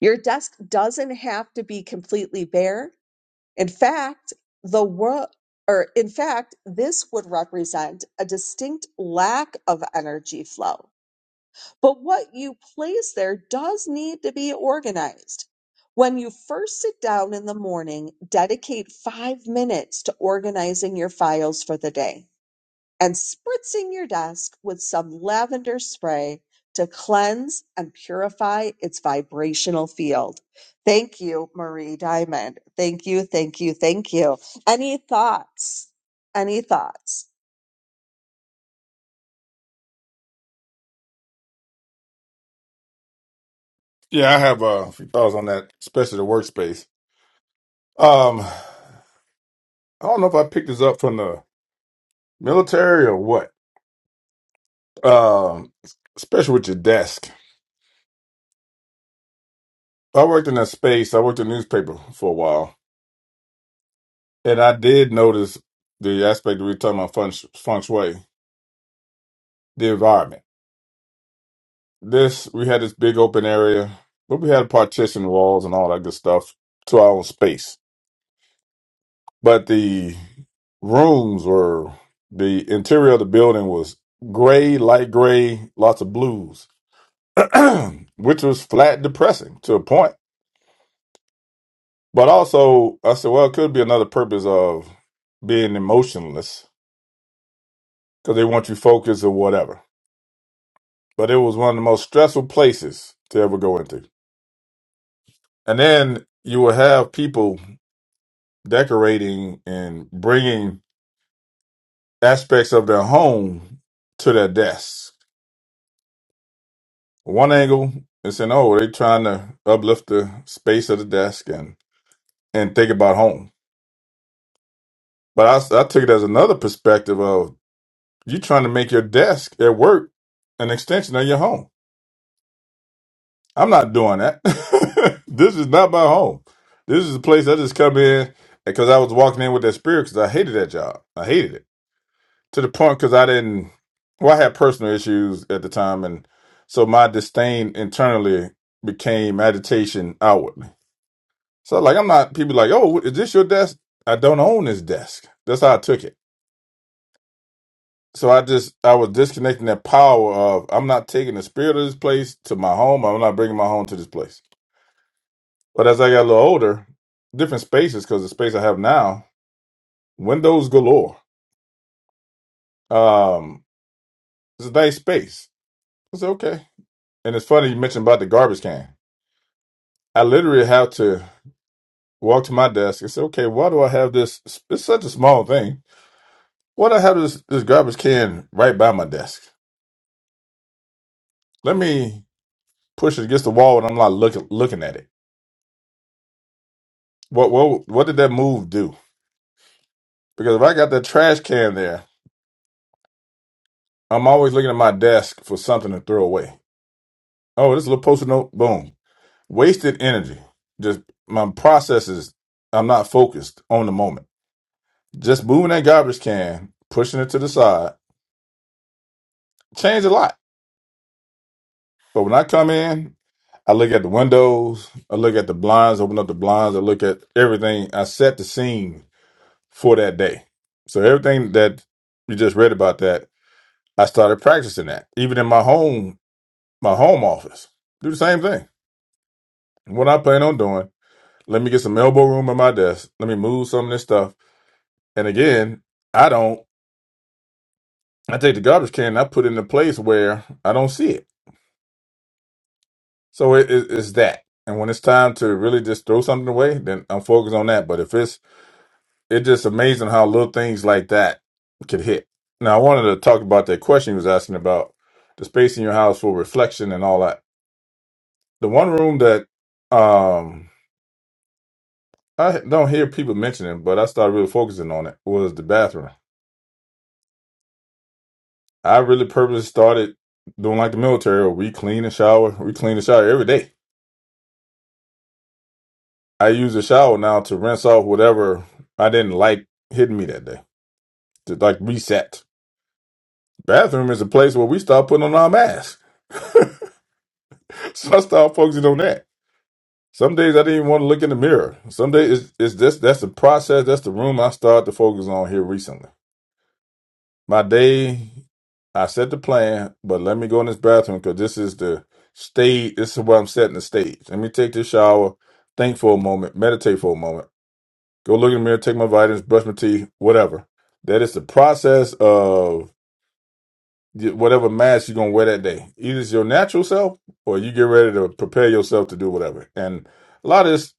Your desk doesn't have to be completely bare In fact, the world, or in fact, this would represent a distinct lack of energy flow. But what you place there does need to be organized. When you first sit down in the morning, dedicate five minutes to organizing your files for the day and spritzing your desk with some lavender spray to cleanse and purify its vibrational field. Thank you, Marie Diamond. Thank you, thank you, thank you. Any thoughts? Any thoughts? yeah, I have uh, a few thoughts on that, especially the workspace. Um, I don't know if I picked this up from the military or what. Um, especially with your desk. I worked in that space. I worked in newspaper for a while, and I did notice the aspect that we were talking about feng, feng shui, the environment This we had this big open area, but we had partition walls and all that good stuff to our own space. But the rooms were the interior of the building was gray, light gray, lots of blues, which was flat depressing to a point. But also, I said, well, it could be another purpose of being emotionless because they want you focused or whatever. But it was one of the most stressful places to ever go into. And then you will have people decorating and bringing aspects of their home to their desk. One angle is saying, oh, they're trying to uplift the space of the desk and, and think about home. But I I took it as another perspective of you trying to make your desk at work an extension of your home. I'm not doing that. this is not my home. This is a place I just come in because I was walking in with that spirit because I hated that job. I hated it. to the point because I didn't. Well, I had personal issues at the time, and so my disdain internally became agitation outwardly. So, like, I'm not people like, "Oh, is this your desk?" I don't own this desk. That's how I took it. So I just I was disconnecting that power of I'm not taking the spirit of this place to my home. I'm not bringing my home to this place. But as I got a little older, different spaces because the space I have now, windows galore. Um, it's a nice space. It's okay. And it's funny you mentioned about the garbage can. I literally have to walk to my desk and say, okay, why do I have this? It's such a small thing. Why do I have this, this garbage can right by my desk? Let me push it against the wall and I'm not looking looking at it. What what what did that move do? Because if I got that trash can there, I'm always looking at my desk for something to throw away. Oh, this little post-it note, boom. Wasted energy. Just my processes, I'm not focused on the moment. Just moving that garbage can, pushing it to the side, changed a lot But when I come in, I look at the windows, I look at the blinds, open up the blinds, I look at everything. I set the scene for that day. So everything that you just read about that, I started practicing that. Even in my home, my home office. Do the same thing. What I plan on doing, let me get some elbow room on my desk. Let me move some of this stuff. And again, I don't I take the garbage can and I put it in a place where I don't see it. So it is it's that. And when it's time to really just throw something away, then I'm focused on that. But if it's it's just amazing how little things like that could hit. Now I wanted to talk about that question you was asking about the space in your house for reflection and all that. The one room that um I don't hear people mentioning, but I started really focusing on it was the bathroom. I really purposely started doing like the military, or we clean and shower. We clean and shower every day. I use the shower now to rinse off whatever I didn't like hitting me that day to like reset. Bathroom is a place where we start putting on our masks. So I start focusing on that. Some days I didn't even want to look in the mirror. Some days it's, it's this that's the process, that's the room I started to focus on here recently. My day, I set the plan, but let me go in this bathroom because this is the stage. This is where I'm setting the stage. Let me take this shower, think for a moment, meditate for a moment, go look in the mirror, take my vitamins, brush my teeth, whatever. That is the process of. y- whatever mask you're gonna wear that day. Either it's your natural self or you get ready to prepare yourself to do whatever. And a lot of this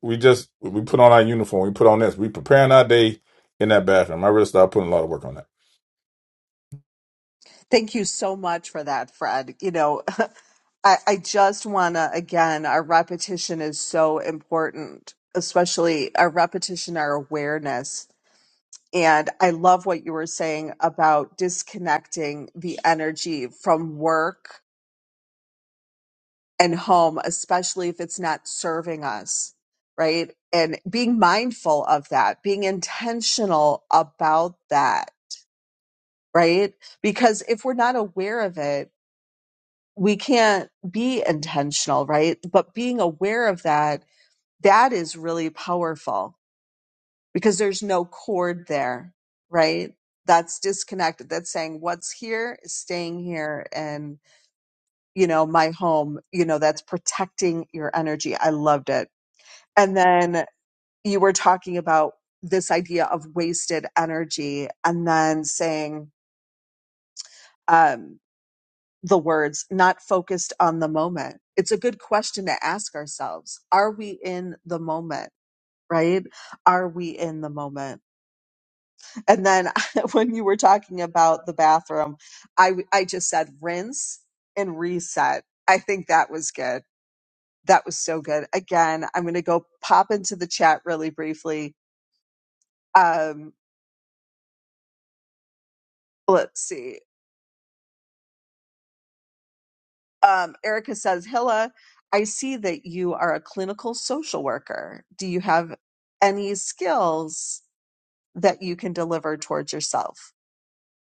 we just we put on our uniform, we put on this, we preparing our day in that bathroom. I really started putting a lot of work on that. Thank you so much for that, Fred. You know, I, I just want to, again, our repetition is so important, especially our repetition, our awareness And I love what you were saying about disconnecting the energy from work and home, especially if it's not serving us, right? And being mindful of that, being intentional about that, right? Because if we're not aware of it, we can't be intentional, right? But being aware of that, that is really powerful because there's no cord there, right? That's disconnected. That's saying what's here is staying here and, you know, my home, you know, that's protecting your energy. I loved it. And then you were talking about this idea of wasted energy and then saying, um, the words not focused on the moment. It's a good question to ask ourselves. Are we in the moment? Right? Are we in the moment? And then when you were talking about the bathroom, I w- I just said rinse and reset. I think that was good. That was so good. Again, I'm going to go pop into the chat really briefly. Um, let's see. Um, Erica says, Hilla, I see that you are a clinical social worker. Do you have any skills that you can deliver towards yourself?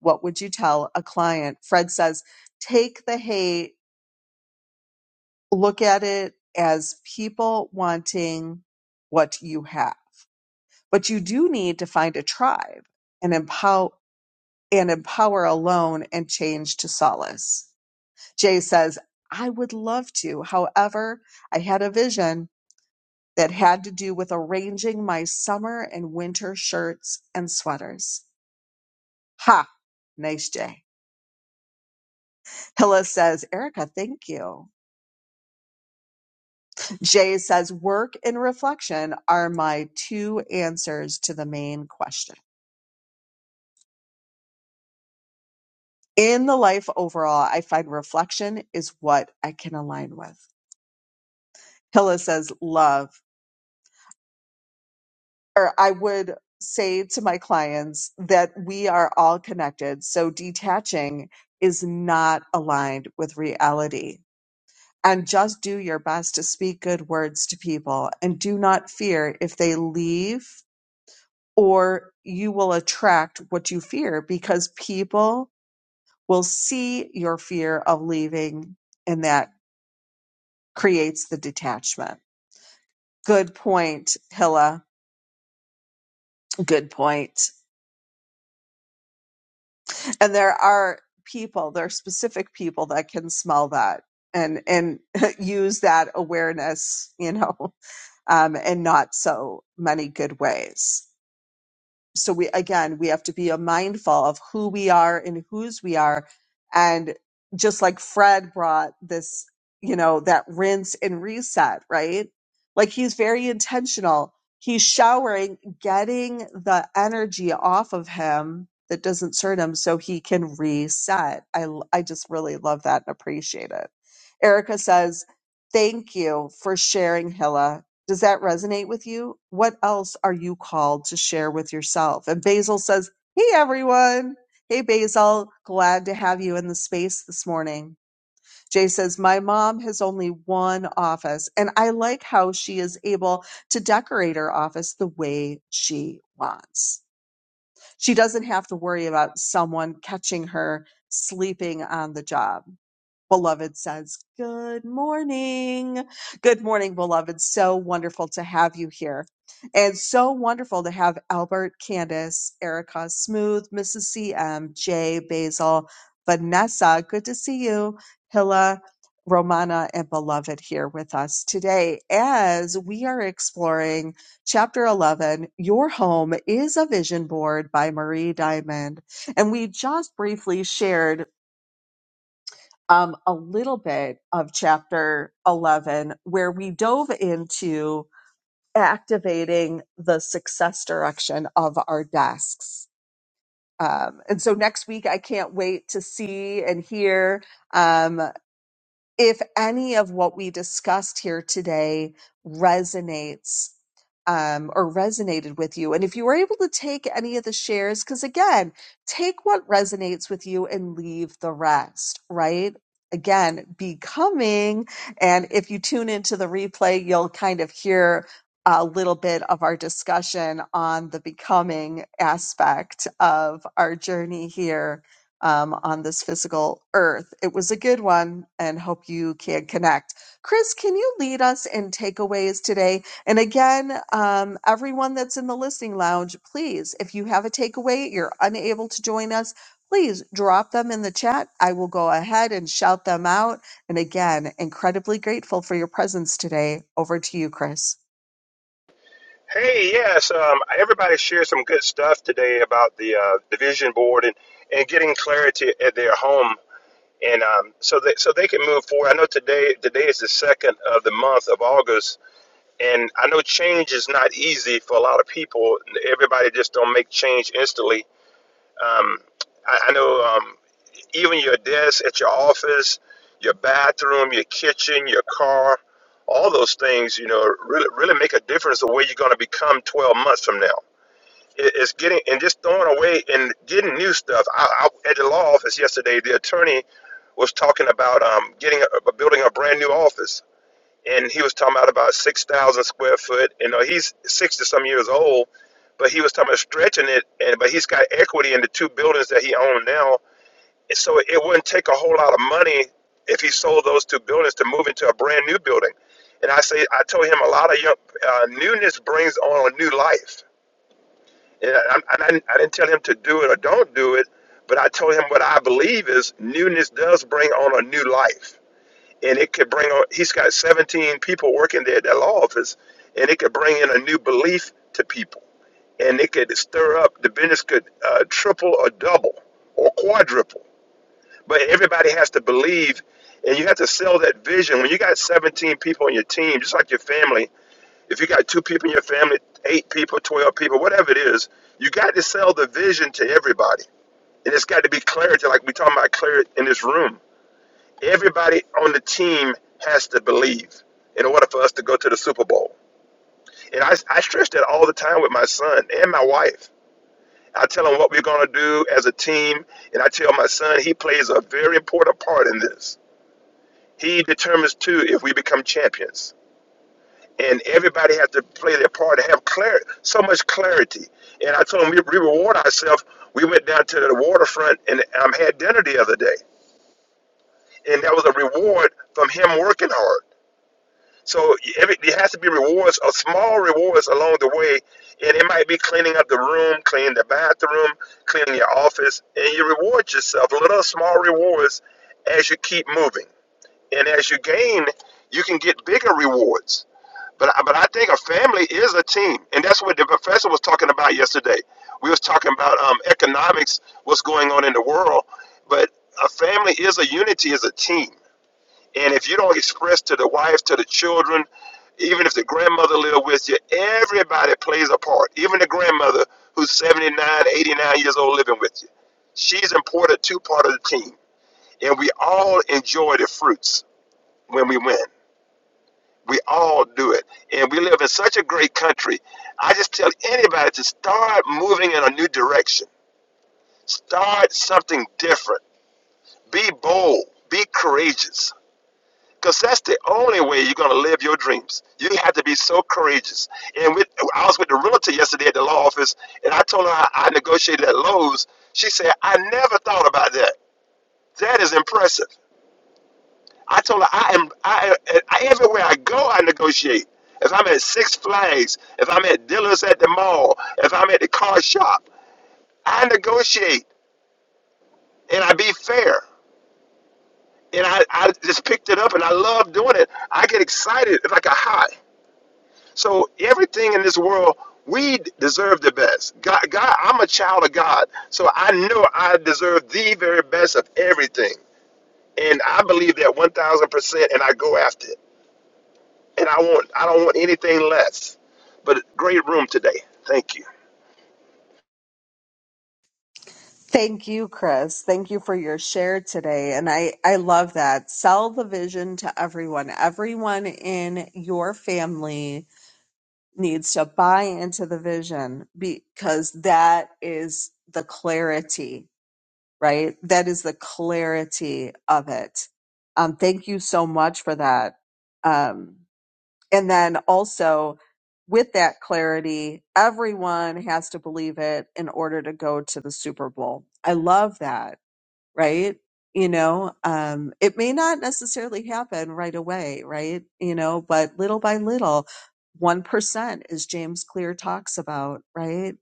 What would you tell a client? Fred says, take the hate look at it as people wanting what you have. But you do need to find a tribe and empower and empower alone and change to solace. Jay says, I would love to. However, I had a vision that had to do with arranging my summer and winter shirts and sweaters. Ha! Nice, Jay. Hilla says, Erica, thank you. Jay says, work and reflection are my two answers to the main question. In the life overall, I find reflection is what I can align with. Hilla says, love, or I would say to my clients that we are all connected. So detaching is not aligned with reality. And just do your best to speak good words to people and do not fear if they leave or you will attract what you fear because people will see your fear of leaving and that creates the detachment. Good point, Hilla. Good point. And there are people, there are specific people that can smell that and and use that awareness, you know, um, in not so many good ways. so we again we have to be mindful of who we are and whose we are and just like fred brought this you know that rinse and reset right like he's very intentional he's showering getting the energy off of him that doesn't serve him so he can reset i i just really love that and appreciate it erica says thank you for sharing hilla does that resonate with you? What else are you called to share with yourself? And Basil says, Hey, everyone. Hey, Basil. Glad to have you in the space this morning. Jay says, My mom has only one office, and I like how she is able to decorate her office the way she wants. She doesn't have to worry about someone catching her sleeping on the job. Beloved says, Good morning. Good morning, beloved. So wonderful to have you here. And so wonderful to have Albert, Candace, Erica, Smooth, Mrs. CM, Jay, Basil, Vanessa. Good to see you. Hilla, Romana, and Beloved here with us today as we are exploring chapter 11 Your Home is a Vision Board by Marie Diamond. And we just briefly shared um, a little bit of chapter 11, where we dove into activating the success direction of our desks. Um, and so next week, I can't wait to see and hear. Um, if any of what we discussed here today resonates um, or resonated with you, and if you were able to take any of the shares, because again, take what resonates with you and leave the rest, right? Again, becoming. And if you tune into the replay, you'll kind of hear a little bit of our discussion on the becoming aspect of our journey here um, on this physical earth. It was a good one and hope you can connect. Chris, can you lead us in takeaways today? And again, um, everyone that's in the listening lounge, please, if you have a takeaway, you're unable to join us, please drop them in the chat. I will go ahead and shout them out. And again, incredibly grateful for your presence today. Over to you, Chris. Hey, yes, um, everybody shared some good stuff today about the uh, division board and, and getting clarity at their home, and um, so that so they can move forward. I know today today is the second of the month of August, and I know change is not easy for a lot of people. Everybody just don't make change instantly. Um, I, I know. Um, even your desk at your office, your bathroom, your kitchen, your car, all those things, you know, really, really make a difference the way you're going to become 12 months from now. It- It's getting and just throwing away and getting new stuff. I, I, at the law office yesterday, the attorney was talking about um, getting a, building a brand new office, and he was talking about about 6,000 square foot. You know, he's 60 some years old, but he was talking about stretching it, and but he's got equity in the two buildings that he owns now and so it wouldn't take a whole lot of money if he sold those two buildings to move into a brand new building. And I say, I told him a lot of young, uh, newness brings on a new life. And I, I, I didn't I didn't tell him to do it or don't do it, but I told him what I believe is newness does bring on a new life. And it could bring on, he's got 17 people working there at that law office, and it could bring in a new belief to people. And it could stir up, the business could uh, triple or double or quadruple but everybody has to believe, and you have to sell that vision. When you got 17 people on your team, just like your family, if you got two people in your family, eight people, 12 people, whatever it is, you got to sell the vision to everybody. And it's got to be clarity, like we're talking about clarity in this room. Everybody on the team has to believe in order for us to go to the Super Bowl. And I, I stress that all the time with my son and my wife. I tell him what we're going to do as a team, and I tell my son he plays a very important part in this He determines too if we become champions. And everybody has to play their part and have clar- so much clarity. And I told him we, we reward ourselves. We went down to the waterfront and um, had dinner the other day. And that was a reward from him working hard. So every, there has to be rewards, or small rewards along the way. And it might be cleaning up the room, cleaning the bathroom, cleaning your office. And you reward yourself little small rewards as you keep moving. And as you gain, you can get bigger rewards But I- but I think a family is a team, and that's what the professor was talking about yesterday. We was talking about um, economics, what's going on in the world, but a family is a unity, is a team. And if you don't express to the wife, to the children, even if the grandmother live with you, everybody plays a part. Even the grandmother who's 79, 89 years old living with you. She's important too part of the team. And we all enjoy the fruits when we win. We all do it. And we live in such a great country. I just tell anybody to start moving in a new direction. Start something different. Be bold. Be courageous. Because that's the only way you're going to live your dreams. You have to be so courageous. And with, I was with the realtor yesterday at the law office, and I told her how I negotiated at Lowe's. She said, I never thought about that. That is impressive. I told her I am I, I everywhere I go I negotiate. If I'm at Six Flags, if I'm at dealers at the mall, if I'm at the car shop, I negotiate and I be fair. And I, I just picked it up and I love doing it. I get excited It's like a high. So everything in this world, we deserve the best. God, God, I'm a child of God, so I know I deserve the very best of everything, and I believe that 1,000 percent, and I go after it. and I want I don't want anything less. But great room today. Thank you. Thank you, Chris. Thank you for your share today. And I, I love that. Sell the vision to everyone. Everyone in your family needs to buy into the vision because that is the clarity, right? That is the clarity of it. Um, thank you so much for that. Um, and then also with that clarity, everyone has to believe it in order to go to the Super Bowl. I love that right? You know, um, it may not necessarily happen right away, right? You know, but little by little, 1%, as James Clear talks about, right?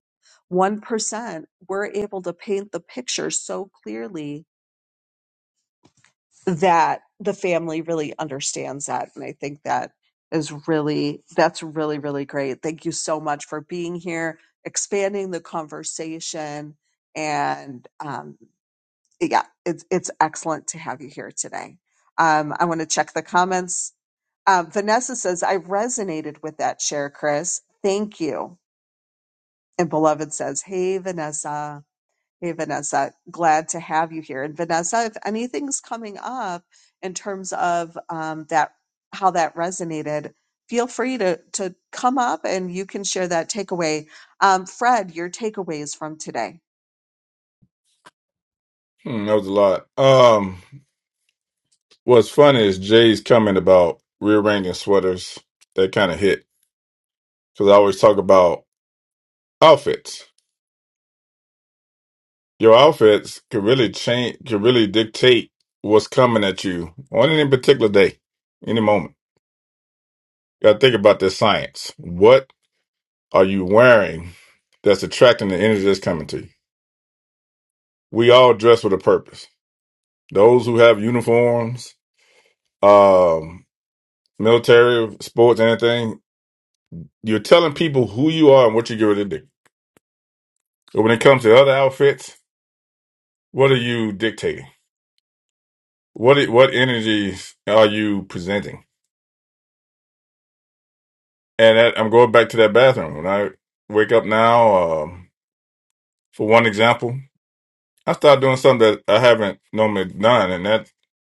1%, we're able to paint the picture so clearly that the family really understands that. And I think that is really, that's really, really great. Thank you so much for being here, expanding the conversation. And, um, yeah, it's it's excellent to have you here today. Um, I want to check the comments. Uh, Vanessa says I resonated with that share, Chris. Thank you. And beloved says, Hey, Vanessa. Hey, Vanessa. Glad to have you here. And Vanessa, if anything's coming up in terms of um, that, how that resonated, feel free to to come up and you can share that takeaway. Um, Fred, your takeaways from today. Hmm, that was a lot. Um what's funny is Jay's comment about rearranging sweaters that kind of hit. Because I always talk about outfits. Your outfits can really change can really dictate what's coming at you on any particular day, any moment. You gotta think about this science. What are you wearing that's attracting the energy that's coming to you? We all dress with a purpose. Those who have uniforms, um, military, sports, anything, you're telling people who you are and what you're going to do. But when it comes to other outfits, what are you dictating? What what energies are you presenting? And that, I'm going back to that bathroom. When I wake up now, um, for one example, I started doing something that I haven't normally done, and that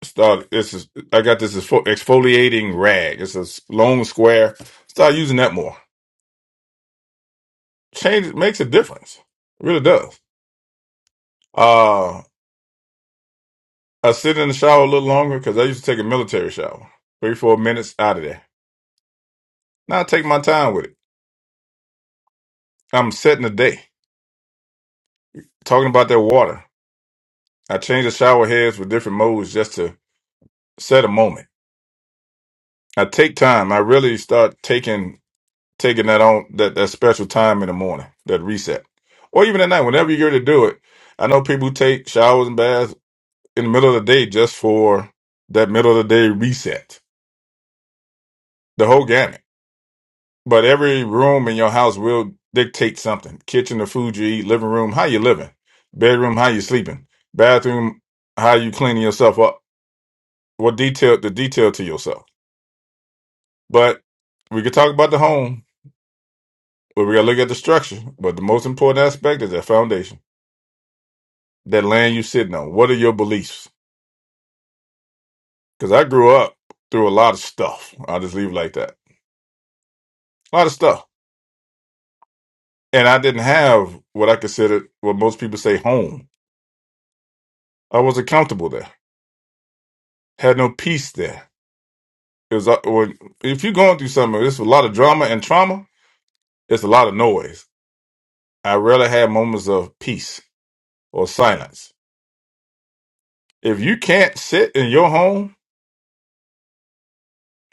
started. This is I got this exfo- exfoliating rag. It's a s- long square. Start using that more. Change makes a difference. It really does. Uh, I sit in the shower a little longer because I used to take a military shower, three four minutes out of there. Now I take my time with it. I'm setting the day. Talking about that water, I change the shower heads with different modes just to set a moment. I take time. I really start taking taking that on that, that special time in the morning, that reset, or even at night, whenever you're to do it. I know people take showers and baths in the middle of the day just for that middle of the day reset, the whole gamut. But every room in your house will dictate something: kitchen, the food you eat, living room, how you living, bedroom, how you sleeping, bathroom, how you cleaning yourself up, what detail the detail to yourself. But we could talk about the home, but we gotta look at the structure. But the most important aspect is that foundation. that land you sitting on? What are your beliefs? Because I grew up through a lot of stuff. I'll just leave it like that. A lot of stuff. And I didn't have what I considered what most people say home. I wasn't comfortable there. Had no peace there. It was uh, when, if you're going through something, it's a lot of drama and trauma. It's a lot of noise. I rarely had moments of peace or silence. If you can't sit in your home,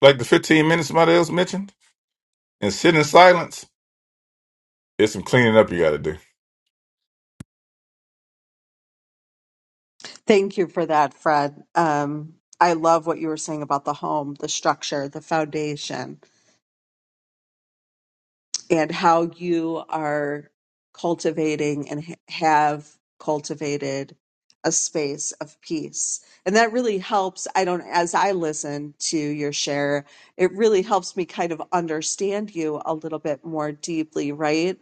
like the 15 minutes somebody else mentioned, and sit in silence, it's some cleaning up you got to do Thank you for that, Fred. Um, I love what you were saying about the home, the structure, the foundation, and how you are cultivating and ha- have cultivated a space of peace. And that really helps. I don't, as I listen to your share, it really helps me kind of understand you a little bit more deeply, right?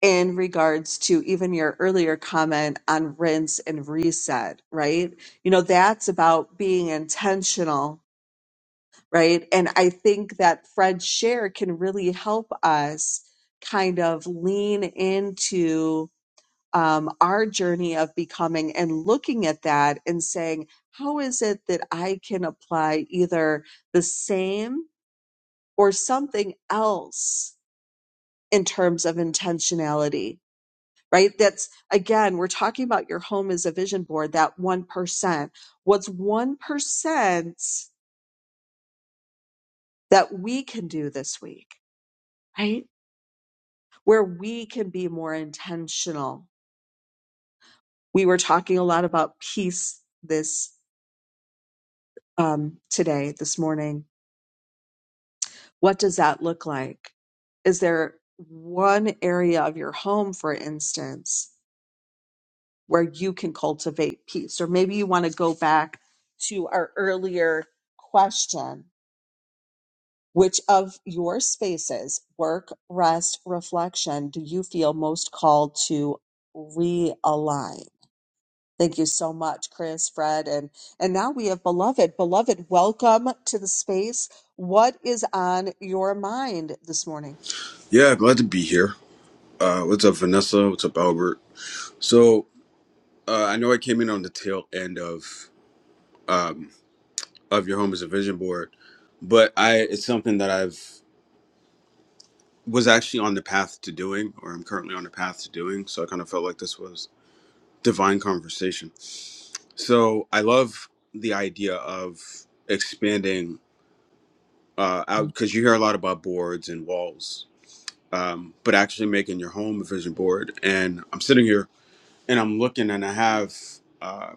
in regards to even your earlier comment on rinse and reset, right? You know, that's about being intentional, right? And I think that Fred's share can really help us kind of lean into um, our journey of becoming and looking at that and saying, how is it that I can apply either the same or something else in terms of intentionality? right? That's again, we're talking about your home as a vision board, that 1%. What's 1% that we can do this week, right? Where we can be more intentional. We were talking a lot about peace this um, today, this morning. What does that look like? Is there one area of your home, for instance, where you can cultivate peace? Or maybe you want to go back to our earlier question Which of your spaces, work, rest, reflection, do you feel most called to realign? Thank you so much, Chris, Fred, and and now we have beloved. Beloved, welcome to the space. What is on your mind this morning? Yeah, glad to be here. Uh, what's up, Vanessa? What's up, Albert? So uh, I know I came in on the tail end of um, of your home as a vision board, but I it's something that I've was actually on the path to doing, or I'm currently on the path to doing. So I kind of felt like this was divine conversation. So I love the idea of expanding uh, out because you hear a lot about boards and walls, um, but actually making your home a vision board. And I'm sitting here and I'm looking and I have, uh,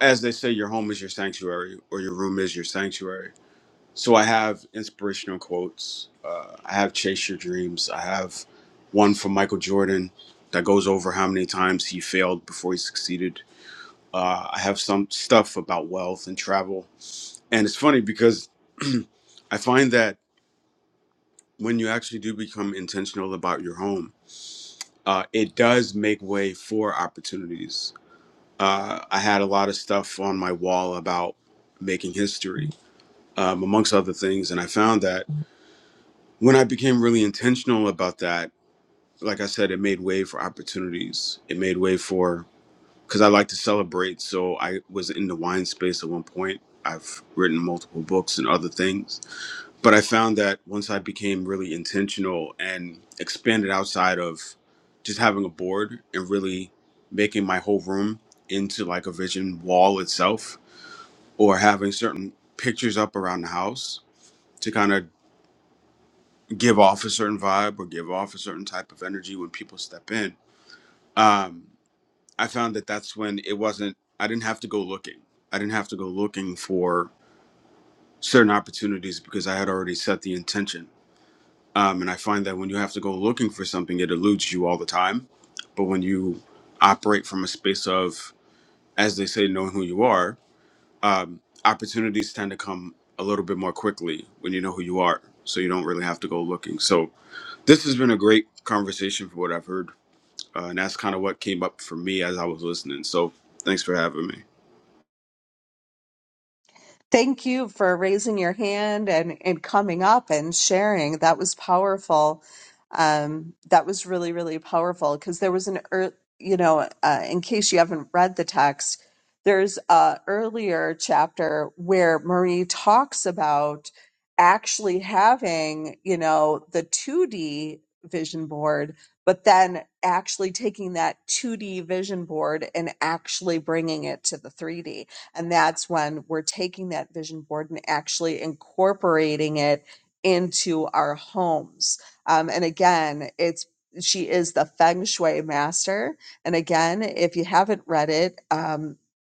as they say, your home is your sanctuary or your room is your sanctuary. So I have inspirational quotes. Uh, I have chase your dreams. I have one from Michael Jordan that goes over how many times he failed before he succeeded. Uh, I have some stuff about wealth and travel. And it's funny because I find that when you actually do become intentional about your home, uh, it does make way for opportunities uh, I had a lot of stuff on my wall about making history, um, amongst other things. And I found that when I became really intentional about that, like I said, it made way for opportunities. It made way for, because I like to celebrate. So I was in the wine space at one point. I've written multiple books and other things. But I found that once I became really intentional and expanded outside of just having a board and really making my whole room into like a vision wall itself or having certain pictures up around the house to kind of give off a certain vibe or give off a certain type of energy when people step in. Um, I found that that's when it wasn't, I didn't have to go looking. I didn't have to go looking for certain opportunities because I had already set the intention. Um, and I find that when you have to go looking for something, it eludes you all the time. But when you operate from a space of, as they say, knowing who you are, um, opportunities tend to come a little bit more quickly when you know who you are, so you don't really have to go looking. So this has been a great conversation for what I've heard, uh, and that's kind of what came up for me as I was listening. So thanks for having me. Thank you for raising your hand and, and coming up and sharing. That was powerful. Um, that was really, really powerful because there was an, ear you know, uh, in case you haven't read the text, there's a earlier chapter where Marie talks about actually having, you know, the 2D vision board, but then actually taking that 2D vision board and actually bringing it to the 3D and that's when we're taking that vision board and actually incorporating it into our homes. Um, and again, it's she is the feng shui master. And again, if you haven't read it, um,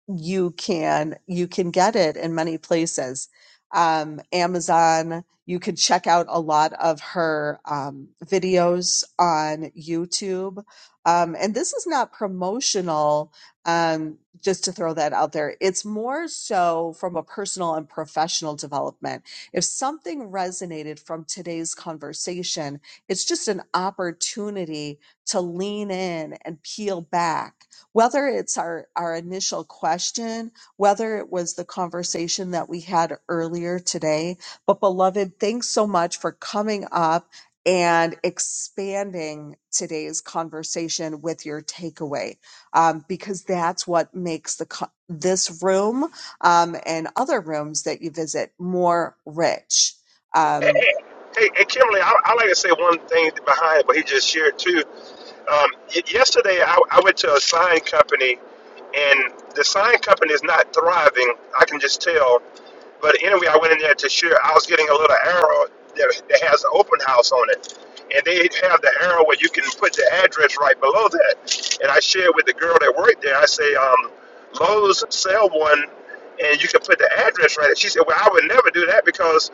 you can you can get it in many places. Um, Amazon. You could check out a lot of her um, videos on YouTube. Um, and this is not promotional um, just to throw that out there. It's more so from a personal and professional development. If something resonated from today's conversation, it's just an opportunity to lean in and peel back. Whether it's our, our initial question, whether it was the conversation that we had earlier today. But, beloved, thanks so much for coming up and expanding today's conversation with your takeaway um, because that's what makes the co- this room um, and other rooms that you visit more rich. Um, Hey, hey Kimberly, I, I like to say one thing behind what he just shared too. Um, y- yesterday, I, I went to a sign company, and the sign company is not thriving. I can just tell. But anyway, I went in there to share. I was getting a little arrow that, that has an open house on it. And they have the arrow where you can put the address right below that. And I shared with the girl that worked there, I say, um, Lowe's sell one, and you can put the address right there. She said, Well, I would never do that because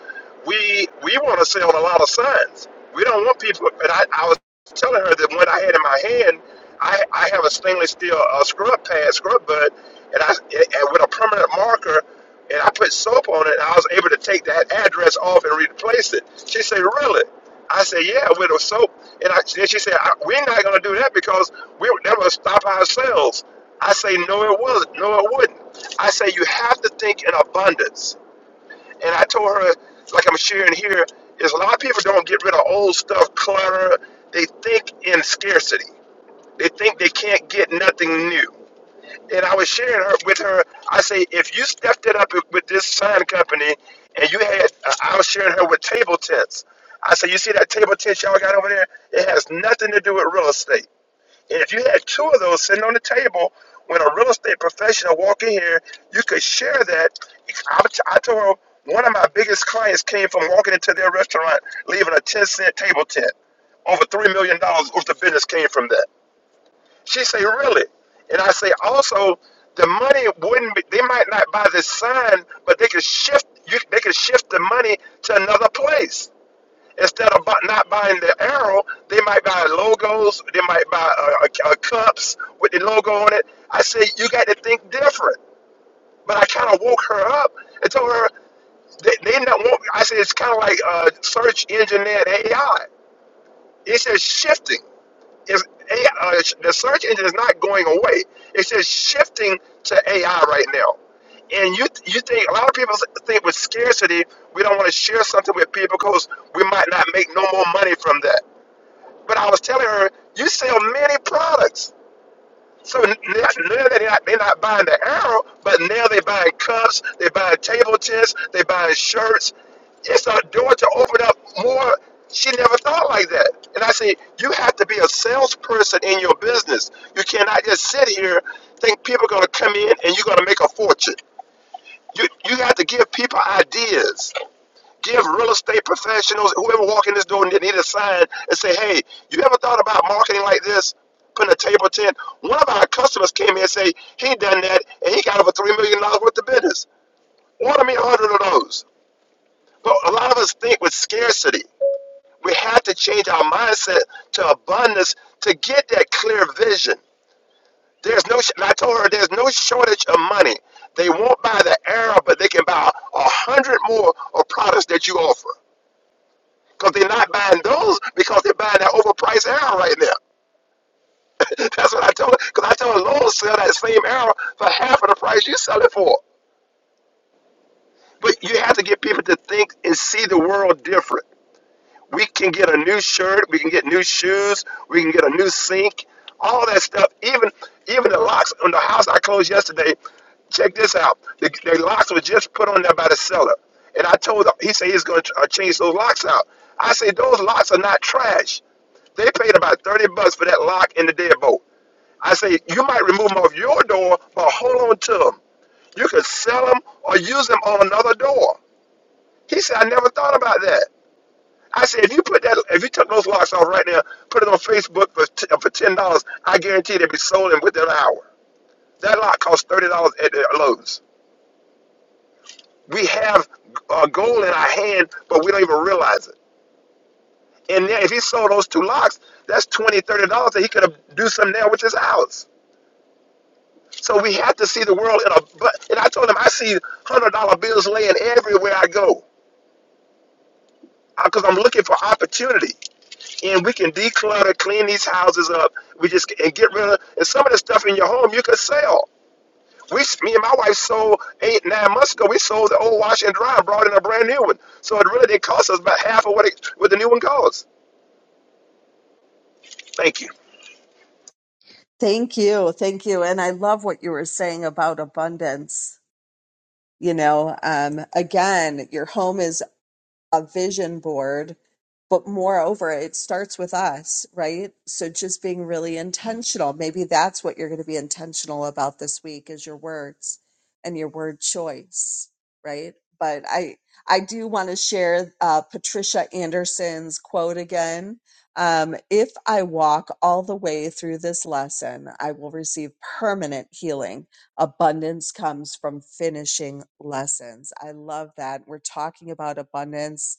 we we want to sell a lot of signs. We don't want people. And I, I was telling her that what I had in my hand, I, I have a stainless steel uh, scrub pad, scrub bud, and I and with a permanent marker, and I put soap on it. And I was able to take that address off and replace it. She said, "Really?" I said, "Yeah, with a soap." And I, then she said, I, "We're not going to do that because we that will stop our sales." I say, "No, it wasn't. No, it wouldn't." I say, "You have to think in abundance." And I told her, like I'm sharing here, is a lot of people don't get rid of old stuff, clutter. They think in scarcity. They think they can't get nothing new. And I was sharing her with her. I say, if you stepped it up with this sign company, and you had, I was sharing her with table tents. I said, you see that table tent y'all got over there? It has nothing to do with real estate. And if you had two of those sitting on the table, when a real estate professional walk in here, you could share that. I, I told her one of my biggest clients came from walking into their restaurant, leaving a 10 cent table tent. Over $3 million dollars worth the business came from that. She say, really? And I say, also, the money wouldn't be, they might not buy this sign, but they could shift, you, they could shift the money to another place Instead of bu- not buying the arrow, they might buy logos. They might buy uh, uh, cups with the logo on it. I say you got to think different. But I kind of woke her up and told her they, they not want. I said it's kind of like uh, search engine and AI. It's just shifting. It's AI, uh, the search engine is not going away. It's just shifting to AI right now. And you you think a lot of people think with scarcity we don't want to share something with people because we might not make no more money from that. But I was telling her, you sell many products. So n- n- now they're not, they're not buying the arrow, but now they're buying cups, they're buying table tents, they're buying shirts. It's a door to open up more. She never thought like that. And I say, you have to be a salesperson in your business. You cannot just sit here, think people are going to come in and you're going to make a fortune. You, you have to give people ideas give real estate professionals, whoever walk in this door and need a sign and say, hey, you ever thought about marketing like this? Putting a table tent. One of our customers came here and say he done that and he got over three million dollars worth of business. Order me a hundred of those. But a lot of us think with scarcity. We have to change our mindset to abundance to get that clear vision. There's no. sh- And I told her there's no shortage of money. They won't buy the arrow, but they can buy a hundred more of products that you offer. Because they're not buying those because they're buying that overpriced arrow right now. That's what I tell them. Because I tell a Lord sell that same arrow for half of the price you sell it for. But you have to get people to think and see the world different. We can get a new shirt, we can get new shoes, we can get a new sink, all that stuff. Even even the locks on the house I closed yesterday. Check this out. The, the locks were just put on there by the seller, and I told him he said he's going to uh, change those locks out. I said those locks are not trash. They paid about 30 bucks for that lock in the deadbolt. I say, you might remove them off your door, but hold on to them. You can sell them or use them on another door. He said, I never thought about that. I said, if you put that, if you took those locks off right now, put it on Facebook for t- uh, for ten dollars, I guarantee they would be sold in within an hour. That lock costs thirty dollars at the Lowe's. We have a gold in our hand, but we don't even realize it. And then if he sold those two locks, that's twenty, thirty dollars dollars that he could have do something there with his house. So we have to see the world in a. But and I told him I see hundred dollar bills laying everywhere I go because I'm looking for opportunity. and we can declutter, clean these houses up. We just and get rid of and some of the stuff in your home you could sell. We, me and my wife sold eight, nine months ago. We sold the old wash and dry and brought in a brand new one. So it really did cost us about half of what it, what the new one costs. Thank you. thank you, thank you, and I love what you were saying about abundance. You know, um, again, your home is a vision board but moreover it starts with us right so just being really intentional maybe that's what you're going to be intentional about this week is your words and your word choice right but i i do want to share uh, patricia anderson's quote again um, if i walk all the way through this lesson i will receive permanent healing Abundance comes from finishing lessons. I love that. We're talking about abundance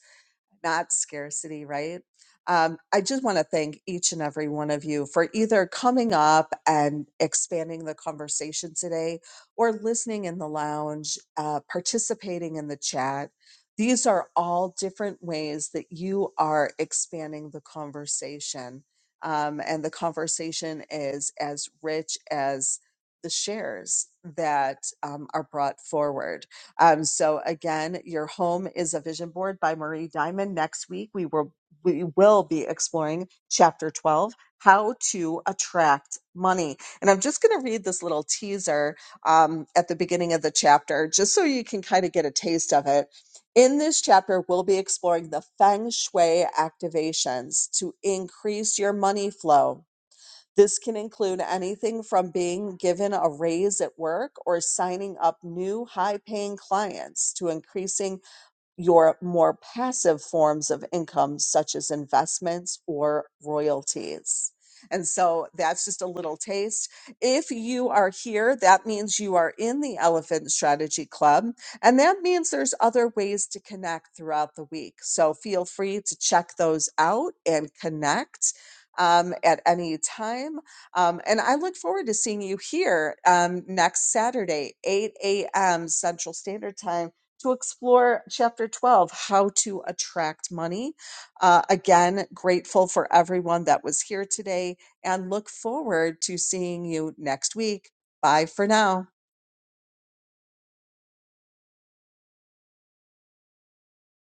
not scarcity, right? Um, I just want to thank each and every one of you for either coming up and expanding the conversation today or listening in the lounge, uh, participating in the chat. These are all different ways that you are expanding the conversation. Um, and the conversation is as rich as the shares that um, are brought forward. Um, so again, your home is a vision board by Marie Diamond. Next week we will we will be exploring chapter 12, how to attract money. And I'm just going to read this little teaser um, at the beginning of the chapter, just so you can kind of get a taste of it. In this chapter, we'll be exploring the feng shui activations to increase your money flow. This can include anything from being given a raise at work or signing up new high paying clients to increasing your more passive forms of income, such as investments or royalties. And so that's just a little taste. If you are here, that means you are in the Elephant Strategy Club. And that means there's other ways to connect throughout the week. So feel free to check those out and connect um, at any time. Um, and I look forward to seeing you here um, next Saturday, 8 a.m. Central Standard Time to explore chapter 12, How to Attract Money. Uh, again, grateful for everyone that was here today and look forward to seeing you next week. Bye for now.